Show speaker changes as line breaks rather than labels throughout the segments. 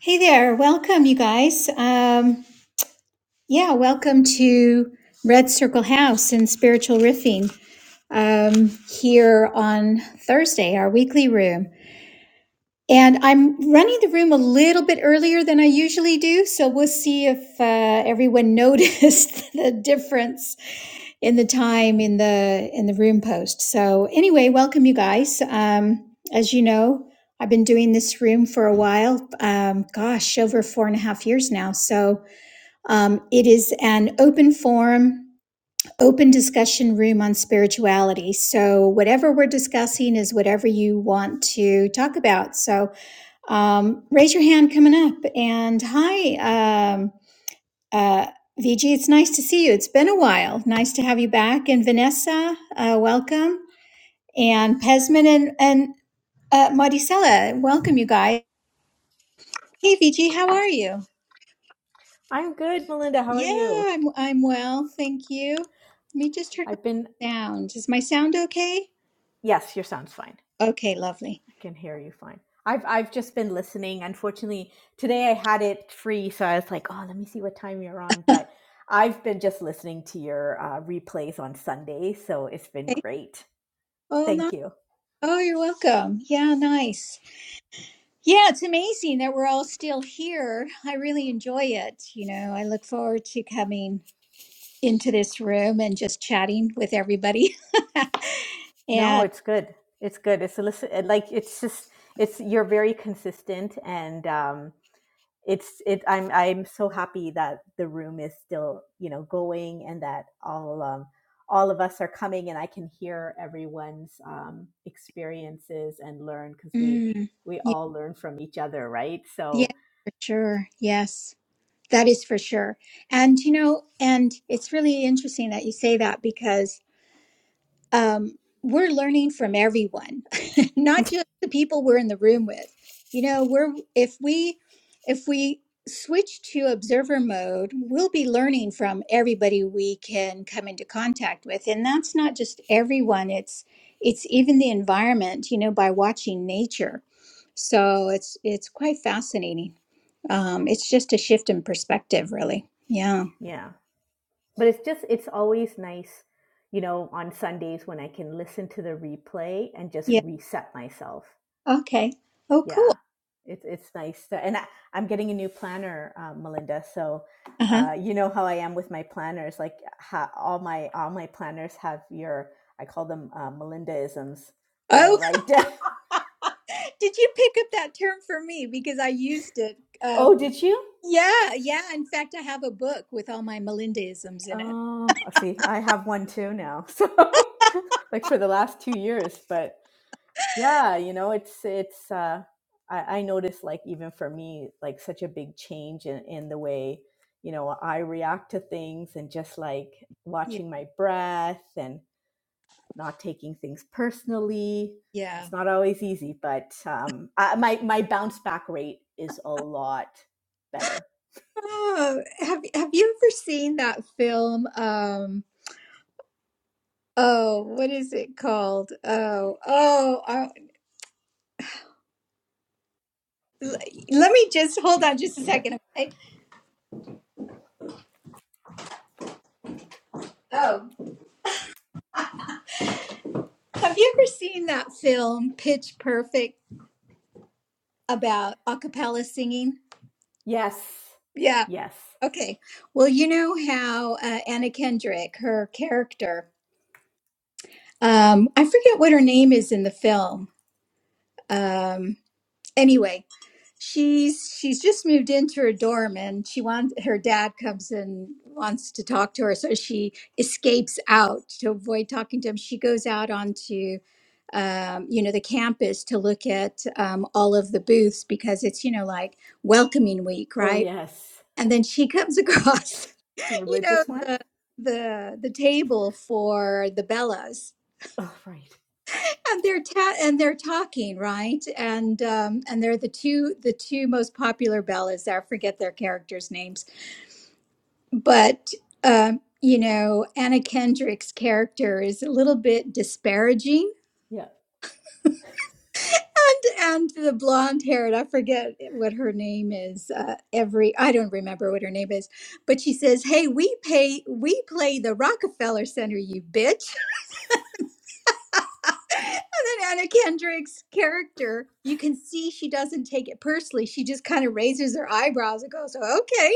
Hey there, welcome, you guys. Um, yeah, welcome to Red Circle House and Spiritual Riffing um, here on Thursday, our weekly room. And I'm running the room a little bit earlier than I usually do, so we'll see if uh, everyone noticed the difference in the time in the in the room post. So anyway, welcome you guys. Um, as you know, I've been doing this room for a while. Um, gosh, over four and a half years now. So um, it is an open forum. Open discussion room on spirituality. So, whatever we're discussing is whatever you want to talk about. So, um, raise your hand coming up. And hi, um, uh, VG, it's nice to see you. It's been a while. Nice to have you back. And Vanessa, uh, welcome. And Pesman and, and uh, Maricela, welcome, you guys. Hey, VG, how are you?
I'm good, Melinda. How are
Yeah,
you?
I'm, I'm well. Thank you. Let me just turn up
I've been
the sound. Is my sound okay?
yes, your sound's fine.
Okay, lovely.
I can hear you fine. I've I've just been listening. Unfortunately, today I had it free, so I was like, oh, let me see what time you're on. But I've been just listening to your uh, replays on Sunday, so it's been
Okay.
great.
Oh,
Thank
no.
you.
oh, you're welcome. Yeah, nice. Yeah, it's amazing that we're all still here. I really enjoy it. You know, I look forward to coming into this room and just chatting with everybody.
No,
and
it's good. It's good. It's a listen. Like it's just it's you're very consistent and um, it's it i'm i'm so happy that the room is still you know going and that all um all of us are coming and i can hear everyone's um experiences and learn because we
mm,
we
y-
all learn from each other right
yeah,
so
for sure. Yes, that is for sure. And, you know, and it's really interesting that you say that because. um, we're learning from everyone, not just the people we're in the room with. You know, we're if we if we switch to observer mode, we'll be learning from everybody we can come into contact with, and that's not just everyone. It's it's even the environment. You know, by watching nature, so it's it's quite fascinating. Um, it's just a shift in perspective, really. Yeah.
yeah but it's just it's always nice you know on sundays when i can listen to the replay and just
Yeah.
reset myself
Okay. Oh,
yeah
cool.
it's it's nice to, and I, i'm getting a new planner uh, melinda so
Uh huh.
uh, you know how i am with my planners like ha, all my all my planners have your i call them uh, melindaisms that i
Oh.
write down
Did you pick up that term for me? Because I used it. Uh,
oh did you
yeah, yeah. In fact, I have a book with all my Melindaisms in it.
oh see i have one too now so like for the last two years but yeah you know it's it's uh I, I noticed like even for me like such a big change in, in the way you know i react to things and just like
Yeah,
watching my breath and not taking things personally
yeah.
it's not always easy but um I, my my bounce back rate is a lot better
Oh, have Have you ever seen that film? Um, oh, what is it called? Oh, oh. I- l- let me just hold on just a
okay
second. Okay. Oh, have you ever seen that film Pitch Perfect about a cappella singing?
Yes.
Yeah.
Yes.
Okay. Well, you know how uh, Anna Kendrick, her character, Um, I forget what her name is in the film. Um, anyway, she's she's just moved into her dorm, and she wants her dad comes and wants to talk to her, so she escapes out to avoid talking to him. She goes out onto um, you know the campus to look at um, all of the booths because it's you know like welcoming week,
Oh,
right?
yes.
And then she comes across
The
you know
religious one?
the the the table for the Bellas
Oh, right.
and they're ta- and they're talking right and um and they're the two the two most popular ballads i forget their characters names but um you know anna kendrick's character is a little bit disparaging
Yeah.
and and the blonde haired i forget what her name is uh, every i don't remember what her name is but she says hey we pay we play the rockefeller center you bitch And then Anna Kendrick's character, you can see she doesn't take it personally. She just kind of raises her eyebrows and goes, okay.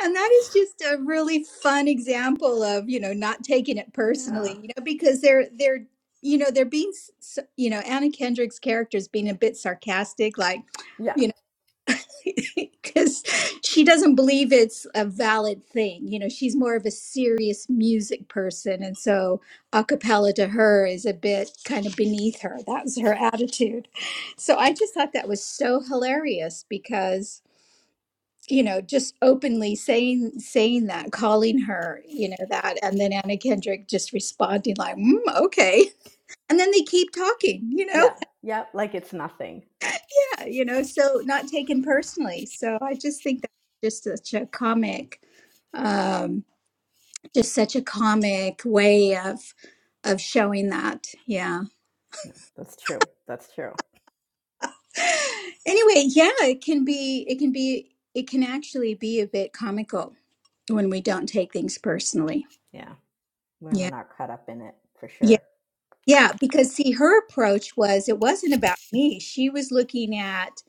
And that is just a really fun example of, you know, not taking it
Yeah.
personally, you know, because they're, they're, you know, they're being, s- s- you know, Anna Kendrick's character is being a bit sarcastic, like,
Yeah.
you because she doesn't believe it's a valid thing. You know, she's more of a serious music person. And so a cappella to her is a bit kind of beneath her. That was her attitude. So I just thought that was so hilarious because you know just openly saying saying that calling her you know that and then anna kendrick just responding like mm, okay and then they keep talking you know
Yeah. Yeah. Like it's nothing.
yeah, you know, so not taken personally. So I just think that's just such a comic, um, just such a comic way of of showing that. Yeah.
That's true. That's true.
Anyway, yeah, it can be, it can be, it can actually be a bit comical when we don't take things personally.
Yeah. When we're
Yeah.
not caught up in it for sure.
Yeah, because see, her approach was it wasn't about me. She was looking at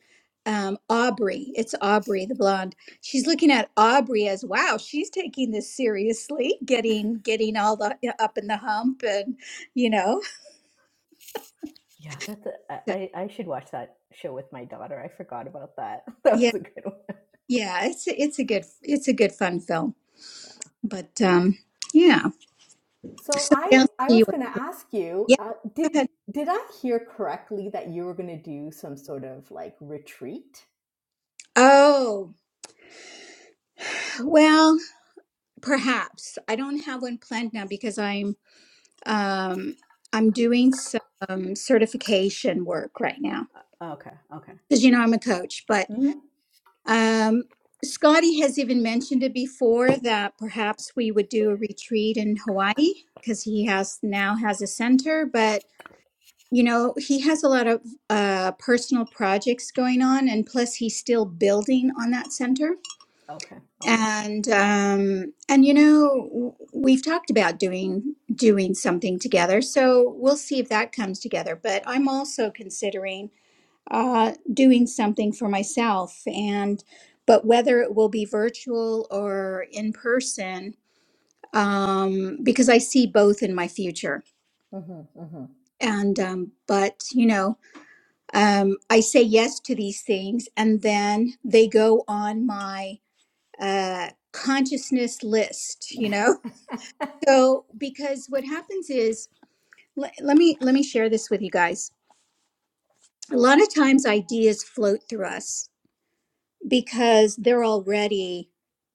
um, Aubrey. It's Aubrey, the blonde. She's looking at Aubrey as wow, she's taking this seriously, getting getting all the up in the hump, and you know,
Yeah. That's a,
So,
I, I I should watch that show with my daughter. I forgot about that. That
yeah,
was a good one.
yeah. It's it's a good it's a good fun film,
Yeah.
but um, yeah.
So
So what
I
else
I
do you?
was going to ask you,
Yeah,
uh,
go
did
ahead.
did I hear correctly that you were going to do some sort of like retreat?
Oh, well, perhaps I don't have one planned now because I'm Um, I'm doing some certification work right now
Okay. Okay.
because you know I'm a coach. But
hmm
um, Scotty has even mentioned it before that perhaps we would do a retreat in Hawaii because he has now has a center, but you know he has a lot of uh, personal projects going on, and plus he's still building on that center.
Okay. Okay.
and um and you know w- we've talked about doing doing something together so we'll see if that comes together but i'm also considering uh doing something for myself and but whether it will be virtual or in person um because i see both in my future
Mm-hmm, mm-hmm,
and um but you know um i say yes to these things and then they go on my uh consciousness list you know So, because what happens is, le- let me let me share this with you guys. A lot of times, ideas float through us because they're already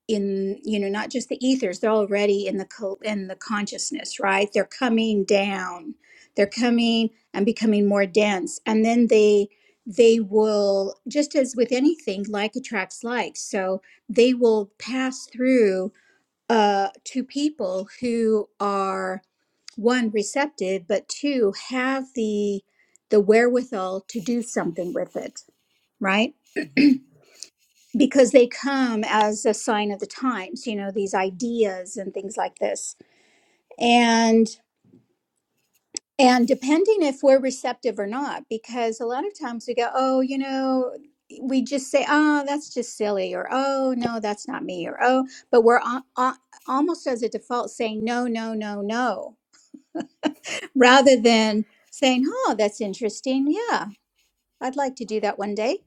in, you know, not just the ethers. They're already in the co- in the consciousness, right? They're coming down. They're coming and becoming more dense, and then they they will just as with anything like attracts like so they will pass through uh to people who are one receptive but two have the the wherewithal to do something with it right because they come as a sign of the times you know these ideas and things like this and and depending if we're receptive or not because a lot of times we go oh you know we just say oh that's just silly or oh no that's not me or oh but we're a- a- almost as a default saying no no no no rather than saying oh that's interesting yeah I'd like to do that one day.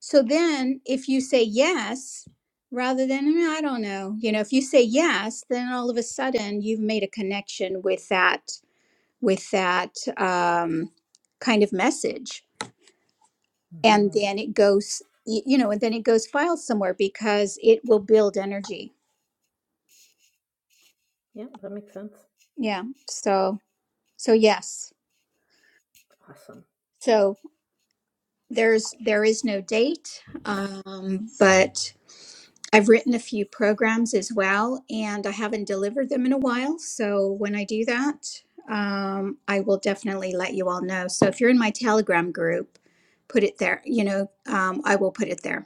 So then if you say yes, rather than "Mm, I don't know, you know, if you say yes, then all of a sudden you've made a connection with that with that um, kind of message, and
mm-hmm.
then it goes, y- you know, and then it goes file somewhere because it will build energy.
Yeah, that makes sense.
Yeah. So so yes.
Awesome.
So there's there is no date, um, but I've written a few programs as well, and I haven't delivered them in a while. So when I do that, um, I will definitely let you all know. So if you're in my Telegram group, put it there. You know, um, I will put it there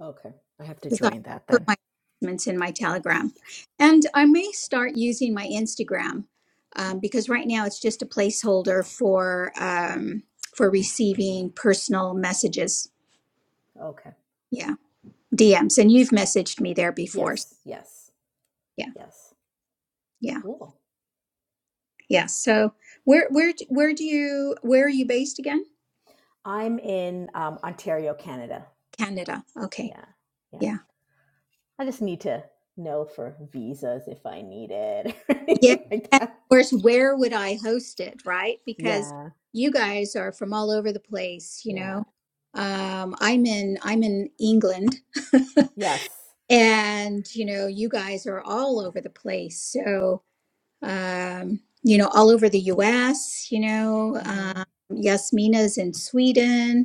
Okay. I have to
because I
join that
put
then.
my announcements in my Telegram, and I may start using my Instagram um, because right now it's just a placeholder for um, for receiving personal messages.
Okay.
Yeah, DMs, and you've messaged me there before. So
Yes, yes,
yeah,
yes.
yeah.
Cool.
Yeah. So where where d- where do you where are you based again?
I'm in um, Ontario, Canada.
Canada. Okay.
Yeah, yeah.
Yeah.
I just need to know for visas if I need it or
Yeah.
anything like
And
that.
of course, where would I host it, right? Because
Yeah,
you guys are from all over the place, you
yeah.
know. Um, I'm in I'm in England,
Yes.
and you know, you guys are all over the place. So, um, you know, all over the U.S. You know,
Mm-hmm.
um, Yasmina's in Sweden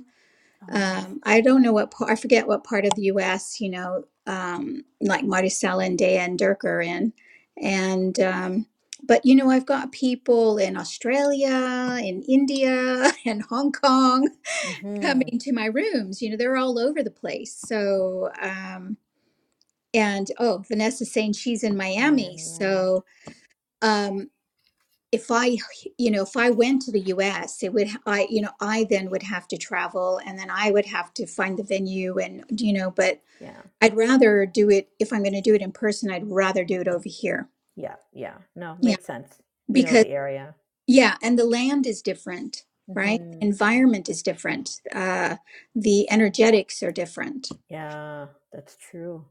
Oh, nice.
Um, I don't know what part, I forget what part of the US, you know, um, like Marticela and Daya and Dirk are in. And, um, but, you know, I've got people in Australia, in India, and Hong Kong
hmm
coming to my rooms. You know, they're all over the place. So, um, and oh, Vanessa's saying she's in Miami.
Miami. Yeah.
So, um, if I, you know, if I went to the US, it would, I, you know, I then would have to travel and then I would have to find the venue and, you know, but
Yeah.
I'd rather do it, if I'm going to do it in person, I'd rather do it over here.
Yeah. Yeah. No,
Yeah.
makes sense. You know
Because,
the area.
yeah. And the land is different, right?
hmm
The environment is different. Uh, the energetics are different.
Yeah, that's true.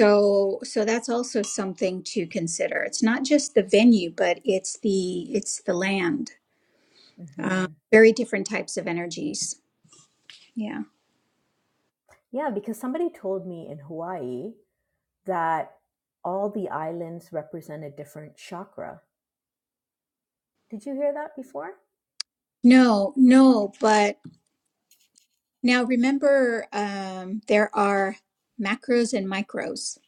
So, so that's also something to consider. It's not just the venue, but it's the, it's the land.
hmm
Uh, very different types of energies. Yeah.
Yeah, because somebody told me in Hawaii that all the islands represent a different chakra. Did you hear that before?
No, no, but now remember, um, there are macros and micros.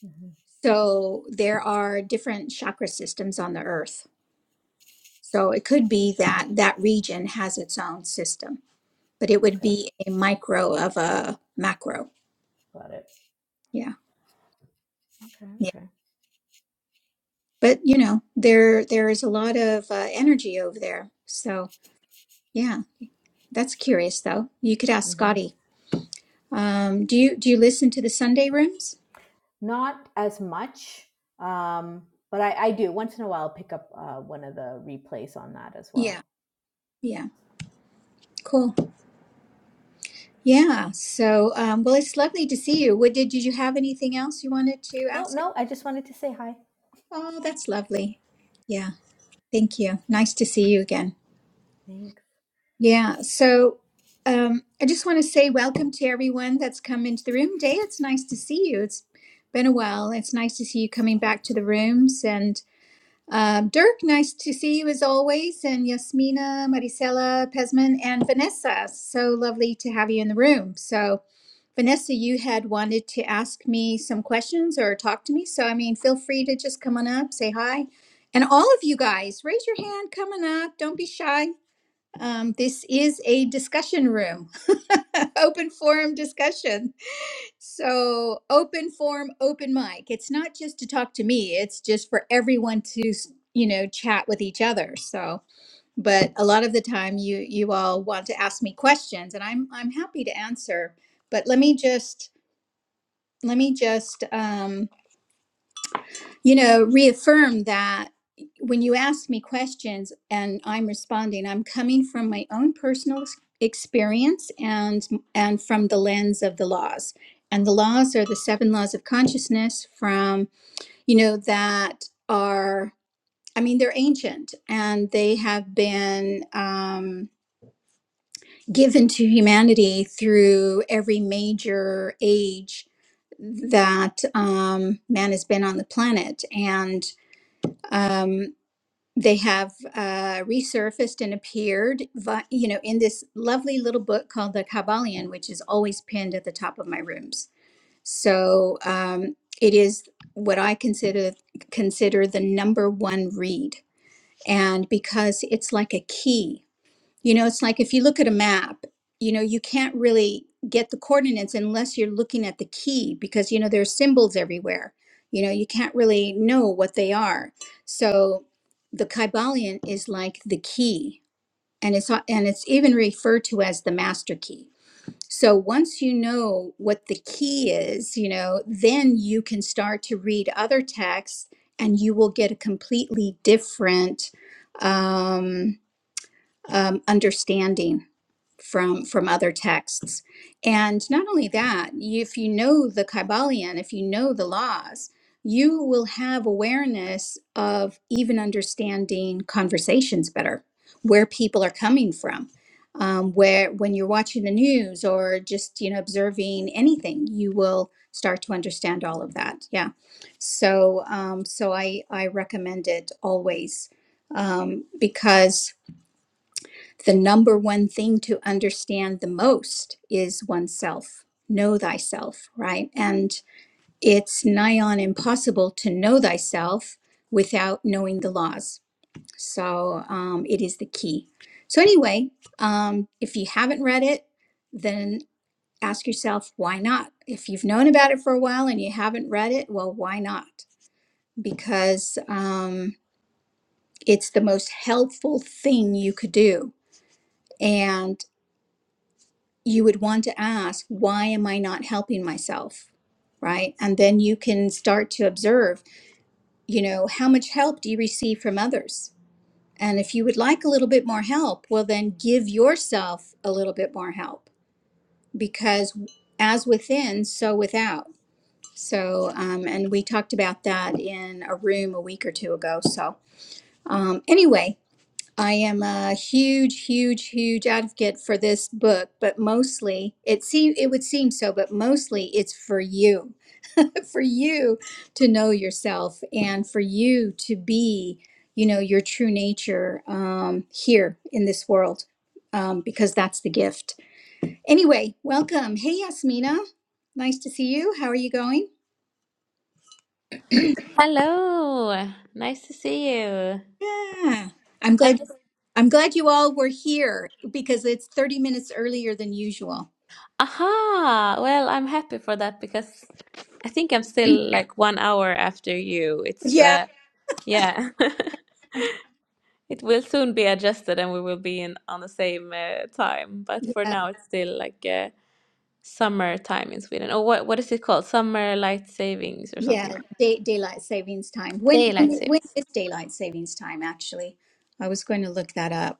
hmm
So there are different chakra systems on the earth. So it could be that that region has its own system, but it would
Okay,
be a micro of a macro.
got it.
Yeah.
Okay,
Yeah.
okay.
But you know, there there is a lot of uh, energy over there. So yeah, that's curious though. You could ask
hmm
Scotty. Um, do you do you listen to the Sunday rooms?
Not as much, um, but I, I do once in a while pick up uh, one of the replays on that as
Yeah.
well.
Yeah. cool. Yeah. So, um, well, it's lovely to see you. What did, did you have anything else you wanted to
No,
ask?
no, I just wanted to say hi.
Oh, that's lovely. Yeah. Thank you. Nice to see you again.
Thanks.
Yeah. So, um, I just want to say welcome to everyone that's come into the room today. It's nice to see you. It's been a while. It's nice to see you coming back to the rooms. and. Um, Dirk, nice to see you as always, and Yasmina, Maricela, Pesman, and Vanessa. So lovely to have you in the room. So, Vanessa, you had wanted to ask me some questions or talk to me. So, I mean, feel free to just come on up, say hi. And all of you guys, raise your hand, come on up, don't be shy. Um, this is a discussion room, open forum discussion. So, open forum, open mic. It's not just to talk to me, it's just for everyone to, s- you know, chat with each other. So, but a lot of the time you you all want to ask me questions and I'm I'm happy to answer. But let me just let me just um you know, reaffirm that when you ask me questions and I'm responding, I'm coming from my own personal ex- experience and and from the lens of the laws. And the laws are the seven laws of consciousness from, you know, that are I mean, they're ancient and they have been um, given to humanity through every major age that um, man has been on the planet. And um, they have uh, resurfaced and appeared vi- you know in this lovely little book called the kabbalion which is always pinned at the top of my rooms so um, it is what i consider consider the number one read and because it's like a key you know, it's like if you look at a map, you know, you can't really get the coordinates unless you're looking at the key because, you know, there are symbols everywhere. You know, you can't really know what they are. So the Kybalion is like the key, and it's and it's even referred to as the master key. So once you know what the key is, you know, then you can start to read other texts and you will get a completely different um, um, understanding from from other texts and not only that if you know the kabbalion if you know the laws you will have awareness of even understanding conversations better where people are coming from um, where when you're watching the news or just you know observing anything you will start to understand all of that yeah so um, so i i recommend it always um, because the number one thing to understand the most is oneself. Know thyself, right? And it's nigh on impossible to know thyself without knowing the laws. So um, it is the key. So, anyway, um, if you haven't read it, then ask yourself, why not? If you've known about it for a while and you haven't read it, well, why not? Because um, it's the most helpful thing you could do. and. you would want to ask, why am I not helping myself? Right. And then you can start to observe, you know, how much help do you receive from others? And if you would like a little bit more help, well, then give yourself a little bit more help because as within, so without. So, um, and we talked about that in a room a week or two ago. So, um, anyway, I am a huge, huge, huge advocate for this book, but mostly it seem it would seem so, but mostly it's for you, for you to know yourself and for you to be, you know, your true nature um, here in this world, um, because that's the gift. Anyway, welcome. Hey, Yasmina, nice to see you. How are you going?
Hello, nice to see you.
Yeah, I'm
I'm
glad. I'm glad you all were here because it's 30 minutes earlier than usual.
aha. Well, I'm happy for that because I think I'm still like one hour after you. It's
Yeah.
uh, yeah, it will soon be adjusted and we will be in on the same uh, time. But
Yeah.
for now, it's still like uh, summer time in Sweden. Or what what is it called? Summer light savings or
Yeah,
something like
day, daylight savings time.
that.
When
Daylight
when when
savings.
is daylight savings time actually? I was going to look that up.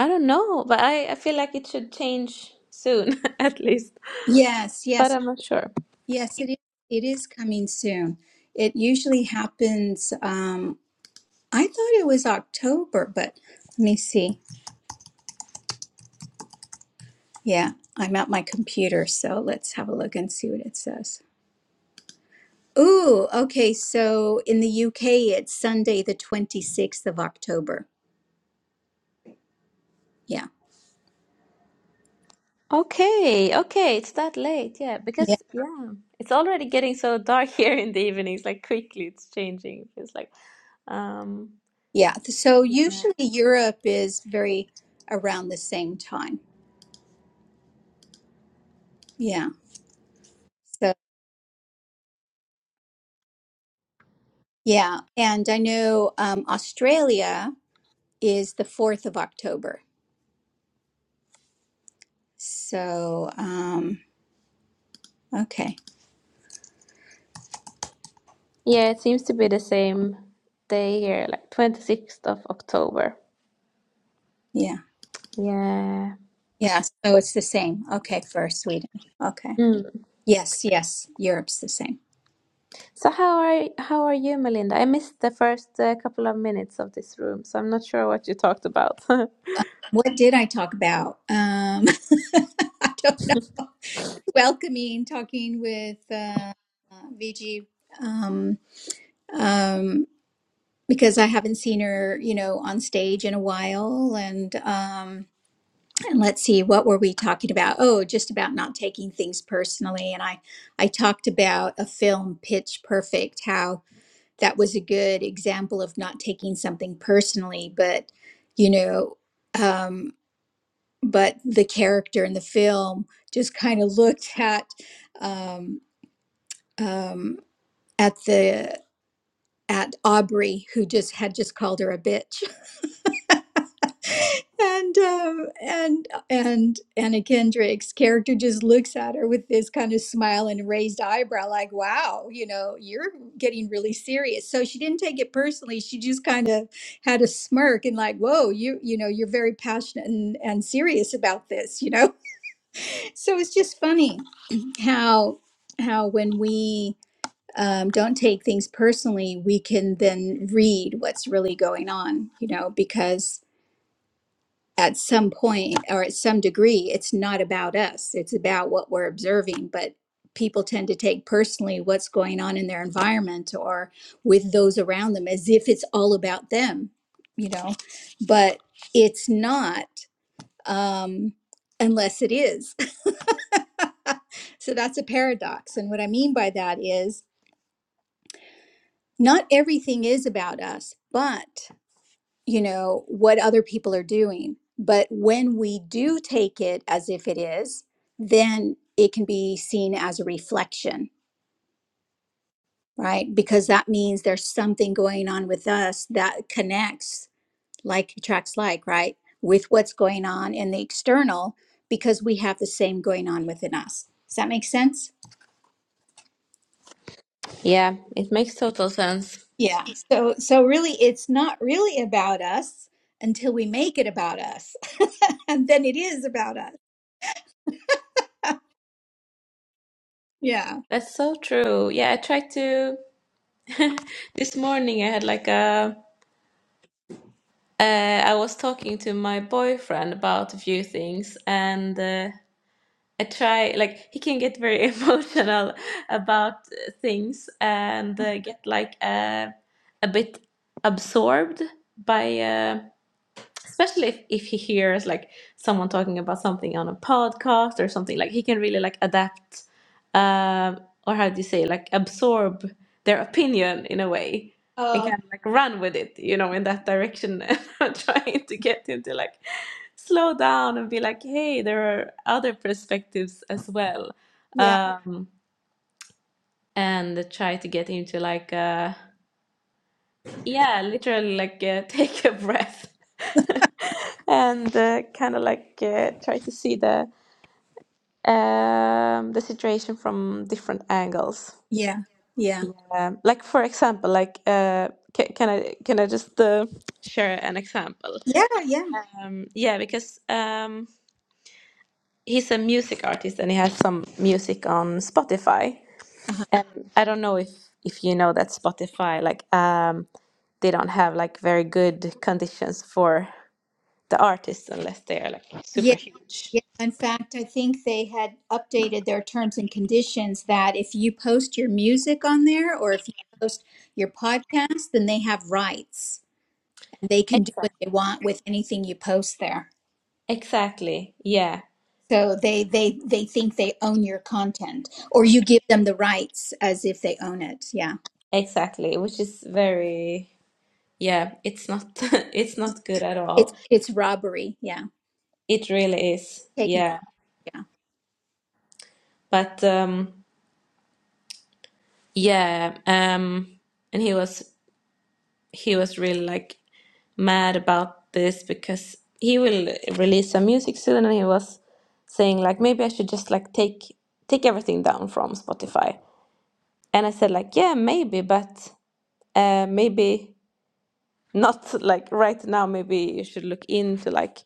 I don't know, but I I feel like it should change soon at least.
Yes,
But
yes,
I'm not sure.
yes, it is it is coming soon. It usually happens um I thought it was October, but let me see. Yeah, I'm at my computer, so let's have a look and see what it says. Ooh, okay, so in the UK it's Sunday the 26th of October. Yeah.
Okay, okay, it's that late. Yeah, because yeah, it's already getting so dark here in the evenings, like quickly it's changing. It feels like um
Yeah. So
yeah,
usually Europe is very around the same time. Yeah. So, yeah. And I know um, Australia is the 4th of October. So, um, okay.
Yeah, it seems to be the same day here, like 26th of October.
Yeah.
Yeah.
Yeah. So it's the same. Okay. For Sweden. Okay.
Mm.
Yes. Yes. Europe's the same.
So how are how are you, Melinda? I missed the first uh, couple of minutes of this room, so I'm not sure what you talked about.
What did I talk about? Um, I don't know. Welcoming, talking with uh, uh, VG. Um, um, because I haven't seen her, you know, on stage in a while. And um, and let's see, what were we talking about? Oh, just about not taking things personally. And I I talked about a film, Pitch Perfect, how that was a good example of not taking something personally, but you know, um, but the character in the film just kind of looked at um, um, at the at Aubrey, who just had just called her a bitch and um, and and Anna Kendrick's character just looks at her with this kind of smile and raised eyebrow, like, "Wow, you know, you're getting really serious." So she didn't take it personally. She just kind of had a smirk and like, "Whoa, you you know, you're very passionate and, and serious about this," you know. So it's just funny how how when we um, don't take things personally, we can then read what's really going on, you know, because at some point or at some degree, it's not about us. It's about what we're observing. But people tend to take personally what's going on in their environment or with those around them as if it's all about them, you know. But it's not um, unless it is. so that's a paradox. And what I mean by that is not everything is about us, but you know, what other people are doing. But when we do take it as if it is, then it can be seen as a reflection, right? Because that means there's something going on with us that connects like attracts like, right? With what's going on in the external because we have the same going on within us. Does that make sense?
Yeah, it makes total sense.
Yeah. So so really it's not really about us until we make it about us. and then it is about us. Yeah.
That's so true. Yeah, I tried to this morning I had like a Uh, I was talking to my boyfriend about a few things, and uh, I try like he can get very emotional about uh, things and uh, get like uh, a bit absorbed by. Uh, especially if, if he hears like someone talking about something on a podcast or something like he can really like adapt um or how do you say like absorb their opinion in a way and kind of like run with it you know in that direction and I'm trying to get him to like slow down and be like hey there are other perspectives as well
Yeah,
um and try to get him to like uh yeah literally like uh, take a breath and uh, kind of like uh, try to see the um, the situation from different angles.
yeah, yeah,
Yeah, like for example, like uh, can, can I can I just uh, share an example?
yeah, yeah,
Um, yeah, because um, he's a music artist and he has some music on Spotify,
uh-huh.
and I don't know if if you know that Spotify like um, they don't have like very good conditions for the artists unless they are like super
yeah,
huge.
yeah. In fact, I think they had updated their terms and conditions that if you post your music on there or if you post your podcast, then they have rights and they can do
Exactly.
what they want with anything you post there.
Exactly. Yeah,
So they they they think they own your content, or you give them the rights as if they own it. Yeah,
exactly. Which is very, yeah, it's not it's not good at
it's
all.
it's robbery. Yeah,
It really is.
taken.
Yeah.
Yeah,
But um yeah, um and he was he was really like mad about this because he will release some music soon and he was saying like maybe I should just like take take everything down from Spotify. And I said like, yeah, maybe, but uh maybe Not like right now, maybe you should look into like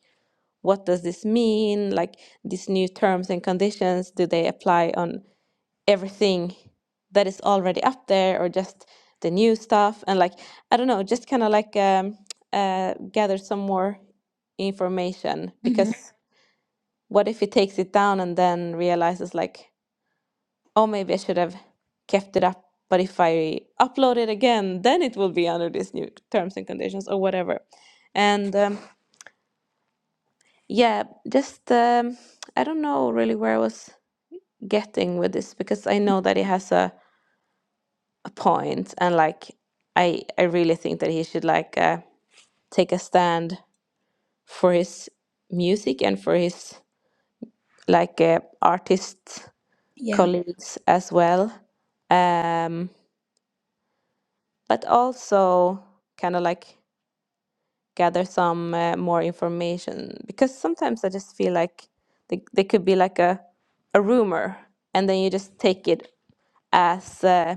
what does this mean? Like these new terms and conditions, do they apply on everything that is already up there or just the new stuff? And like, I don't know, just kind of like um, uh, gather some more information
hmm
because what if it takes it down and then realizes like, Oh, maybe I should have kept it up. But if I upload it again, then it will be under these new terms and conditions or whatever. And um, yeah, just um, I don't know really where I was getting with this because I know that he has a, a point, and like I I really think that he should like uh, take a stand for his music and for his like uh, artist
yeah,
colleagues as well. Um, but also kind of like gather some uh, more information because sometimes I just feel like they, they could be like a a rumor and then you just take it as uh,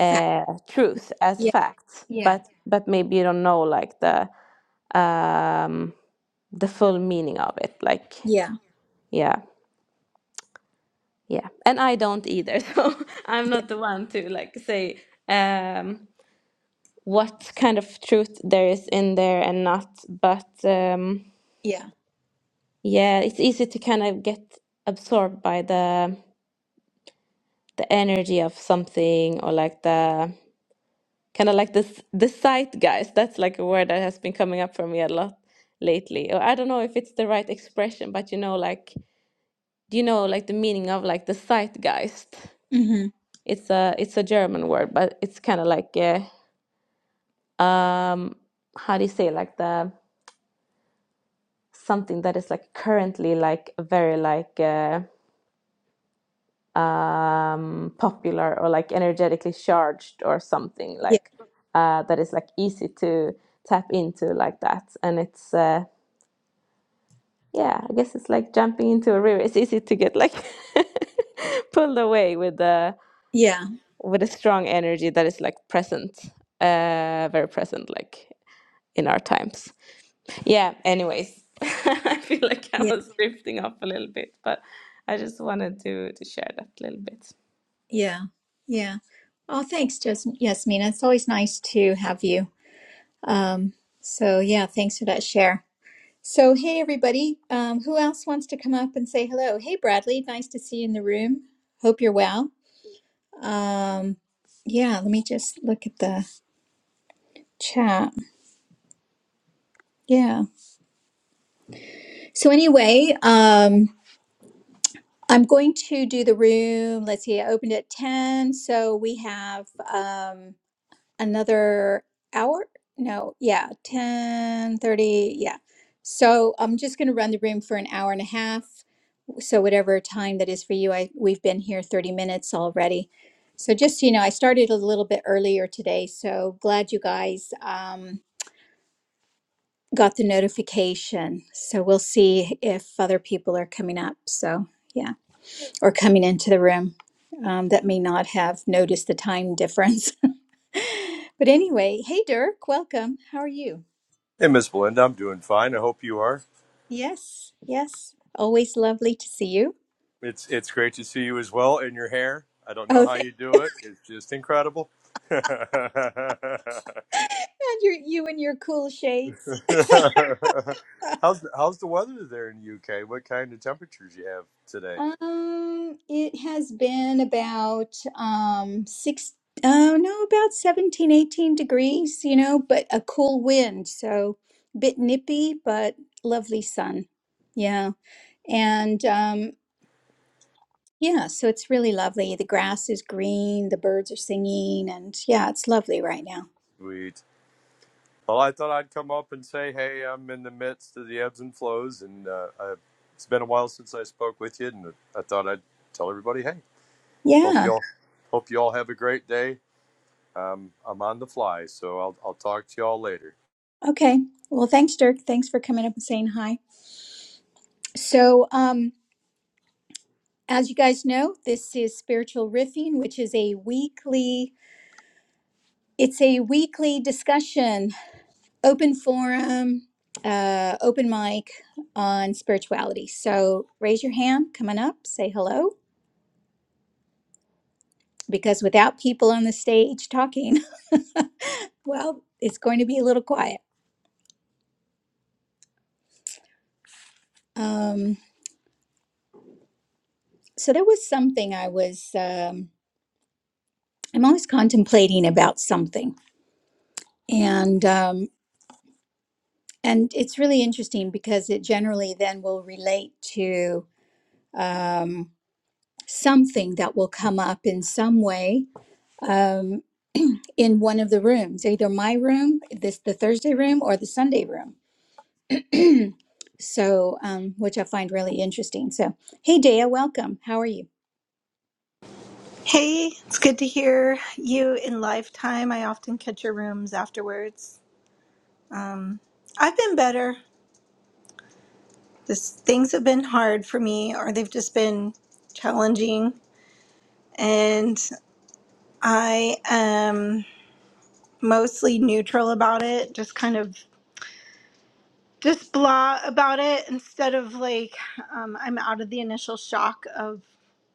fact.
truth as
Yeah,
fact
yeah,
but but maybe you don't know like the um, the full meaning of it like
yeah,
yeah yeah and I don't either so I'm
yeah,
not the one to like say um, what kind of truth there is in there and not but um, Yeah, it's easy to kind of get absorbed by the the energy of something or like the kind of like this the zeitgeist. That's like a word that has been coming up for me a lot lately. Or I don't know if it's the right expression, but you know, like do you know like the meaning of like the zeitgeist?
yeah.
It's a it's a German word, but it's kind of like uh, um how do you say like the something that is like currently like very like uh um, popular or like energetically charged or something
Yeah,
like uh, that is like easy to tap into like that. And it's uh, yeah, I guess it's like jumping into a river. It's easy to get like pulled away with the
yeah,
with a strong energy that is like present, uh, very present, like in our times. Yeah. Anyways, I feel like I
yeah,
was drifting off a little bit, but I just wanted to to share that little bit.
yeah, yeah. Oh, thanks, Jas- Yasmina. It's always nice to have you. Um, so yeah, thanks for that share. So hey, everybody. Um, who else wants to come up and say hello? Hey, Bradley. Nice to see you in the room. Hope you're well. Um, yeah, let me just look at the chat. Yeah. So anyway, um, I'm going to do the room. Let's see. I opened at ten, so we have. um another hour no yeah 10 30. yeah so i'm just going to run the room for an hour and a half so whatever time that is for you i we've been here 30 minutes already so just so you know i started a little bit earlier today so glad you guys um, got the notification so we'll see if other people are coming up so yeah or coming into the room um, that may not have noticed the time difference but anyway hey dirk welcome how are you
Hey, Miss Belinda, I'm doing fine. I hope you are.
Yes, yes. Always lovely to see you.
It's it's great to see you as well. And your hair, I don't know
Oh,
how
thank
you do it. It's just incredible. how's
and your you and your cool shades.
the, how's the weather there in the UK? What kind of temperatures you have today?
Um, it has been about um six oh no, about 17, 18 degrees, you know, but a cool wind, so a bit nippy, but lovely sun. Yeah. And um yeah, so it's really lovely. The grass is green, the birds are singing, and yeah, it's lovely right now.
Sweet. Well, I thought I'd come up and say, hey, I'm in the midst of the ebbs and flows, and uh, i it's been a while since I spoke with you, and I thought I'd tell everybody, hey,
Yeah.
hope y'all hope you all have a great day. Um, I'm on the fly, so I'll I'll talk to y'all later.
Okay. Well, thanks, Dirk. Thanks for coming up and saying hi. So, um, as you guys know, this is Spiritual Riffing, which is a weekly it's a weekly discussion, open forum, uh, open mic on spirituality. So raise your hand, coming up, say hello, because without people on the stage talking, well, it's going to be a little quiet. Um, so there was something I was um, I'm always contemplating about something and um, and it's really interesting because it generally then will relate to um, something that will come up in some way um, in one of the rooms, either my room, this the Thursday room, or the Sunday room. so, um, which I find really interesting. So, hey, Dea, welcome. How are you?
Hey, it's good to hear you in lifetime. I often catch your rooms afterwards. Um, I've been better. This, things have been hard for me, or they've just been challenging. And I am mostly neutral about it, just kind of just blah about it instead of like, um, I'm out of the initial shock of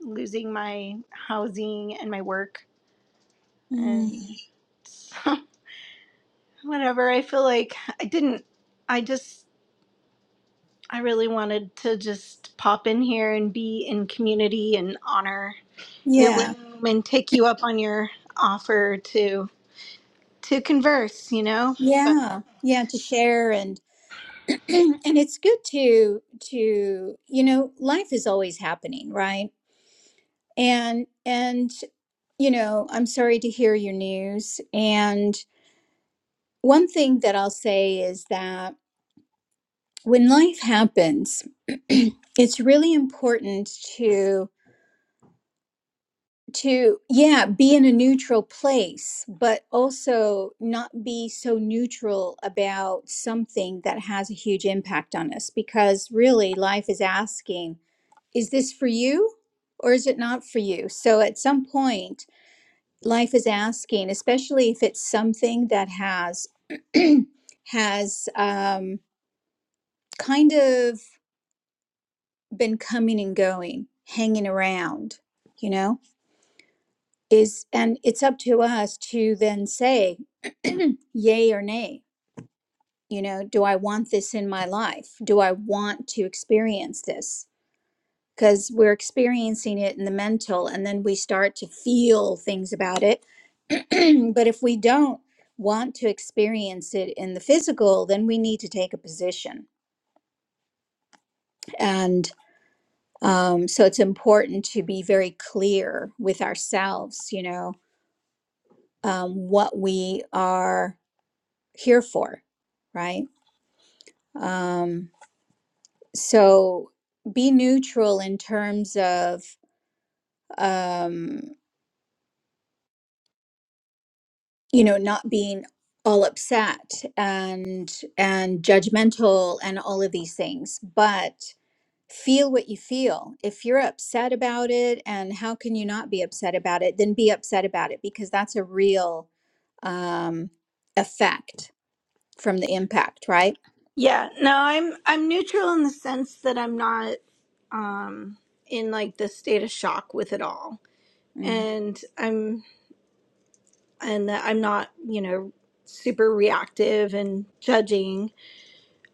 losing my housing and my work.
Mm,
And Whatever. I feel like I didn't. I just. I really wanted to just pop in here and be in community and honor your
yeah,
room and take you up on your offer to to converse. You know. But
yeah, yeah. To share and and it's good to to you know life is always happening, right? and and you know i'm sorry to hear your news and one thing that i'll say is that when life happens it's really important to to yeah be in a neutral place but also not be so neutral about something that has a huge impact on us because really life is asking is this for you or is it not for you so at some point life is asking, especially if it's something that has has um, kind of been coming and going, hanging around, you know, is and it's up to us to then say yay or nay. You know, do I want this in my life? Do I want to experience this? Because we're experiencing it in the mental, and then we start to feel things about it but if we don't want to experience it in the physical, then we need to take a position. And um, so it's important to be very clear with ourselves, you know, um, what we are here for, right? Um, so be neutral in terms of, um, you know, not being all upset and and judgmental and all of these things but feel what you feel. If you're upset about it, and how can you not be upset about it, then be upset about it because that's a real um, effect from the impact, right?
yeah. No. I'm. I'm neutral in the sense that I'm not. Um. In like the state of shock with it all,
Mm.
and I'm. And that I'm not. You know. Super reactive and judging.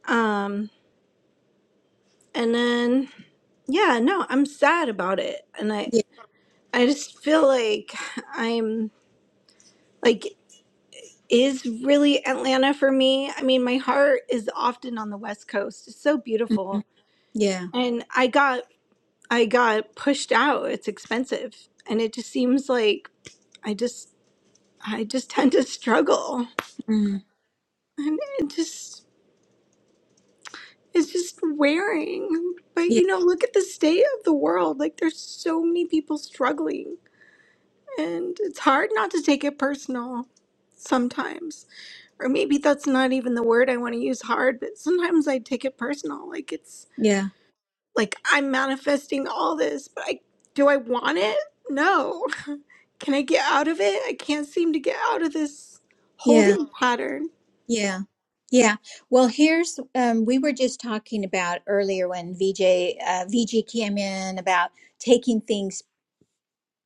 Um. And then. yeah, no, I'm sad about it. And I
Yeah.
I just feel like I'm like is really Atlanta for me. I mean, my heart is often on the West Coast. It's so
Mhm.
beautiful.
Yeah.
And I got I got pushed out. It's expensive. And it just seems like I just I just tend to struggle.
Mm.
And it just it's just wearing. But
Yeah.
you know, look at the state of the world. Like there's so many people struggling. And it's hard not to take it personal sometimes. Or maybe that's not even the word I want to use hard, but sometimes I take it personal. Like it's
Yeah.
like I'm manifesting all this, but I do I want it? No. Can I get out of it? I can't seem to get out of this
Yeah.
holding pattern.
Yeah. Yeah. Well, here's um, we were just talking about earlier when VJ uh, VG came in about taking things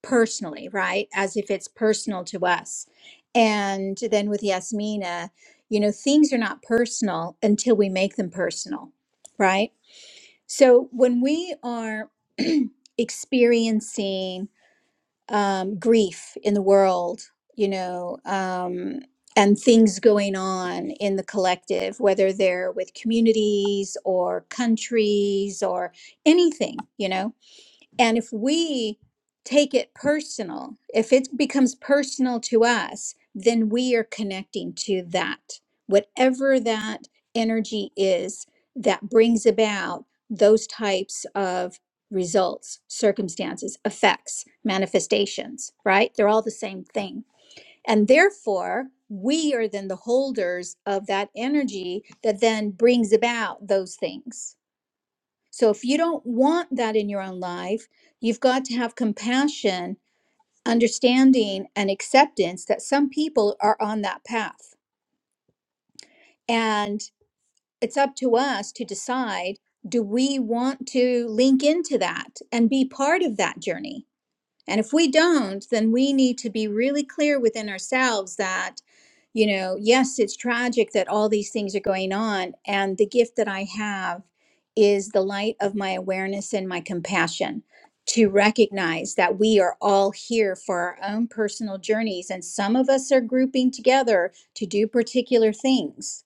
personally, right? As if it's personal to us. And then with Yasmina, you know, things are not personal until we make them personal, right? So when we are experiencing um, grief in the world, you know, um, and things going on in the collective, whether they're with communities or countries or anything, you know, and if we take it personal, if it becomes personal to us, then we are connecting to that. Whatever that energy is that brings about those types of results, circumstances, effects, manifestations, right? They're all the same thing. And therefore, we are then the holders of that energy that then brings about those things so if you don't want that in your own life, you've got to have compassion, understanding, and acceptance that some people are on that path. And it's up to us to decide do we want to link into that and be part of that journey? And if we don't, then we need to be really clear within ourselves that, you know, yes, it's tragic that all these things are going on. And the gift that I have is the light of my awareness and my compassion to recognize that we are all here for our own personal journeys. And some of us are grouping together to do particular things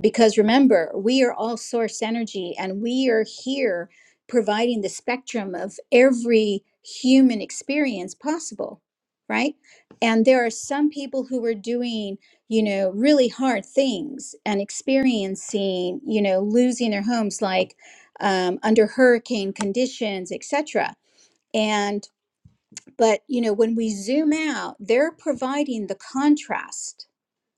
because remember, we are all source energy and we are here providing the spectrum of every human experience possible, right? And there are some people who are doing, you know, really hard things and experiencing, you know, losing their homes like um, under hurricane conditions, etc. And, but, you know, when we zoom out, they're providing the contrast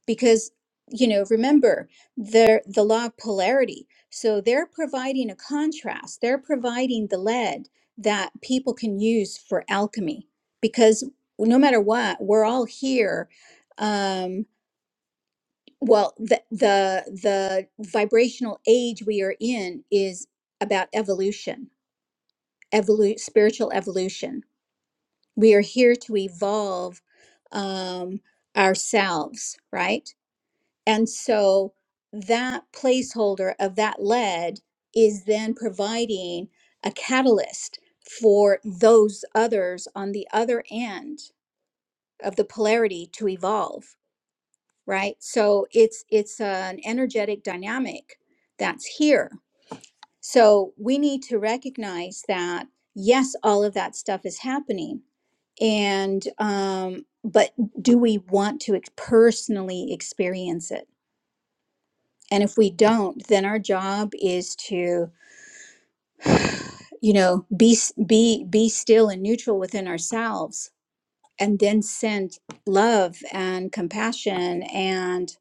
because you know remember the the law of polarity so they're providing a contrast they're providing the lead that people can use for alchemy because no matter what we're all here um well the the the vibrational age we are in is about evolution evolu- spiritual evolution we are here to evolve um ourselves right And so that placeholder of that lead is then providing a catalyst for those others on the other end of the polarity to evolve, right? So it's it's an energetic dynamic that's here. So we need to recognize that yes, all of that stuff is happening. And um, but do we want to ex- personally experience it? and if we don't then our job is to you know be be be still and neutral within ourselves and then send love and compassion and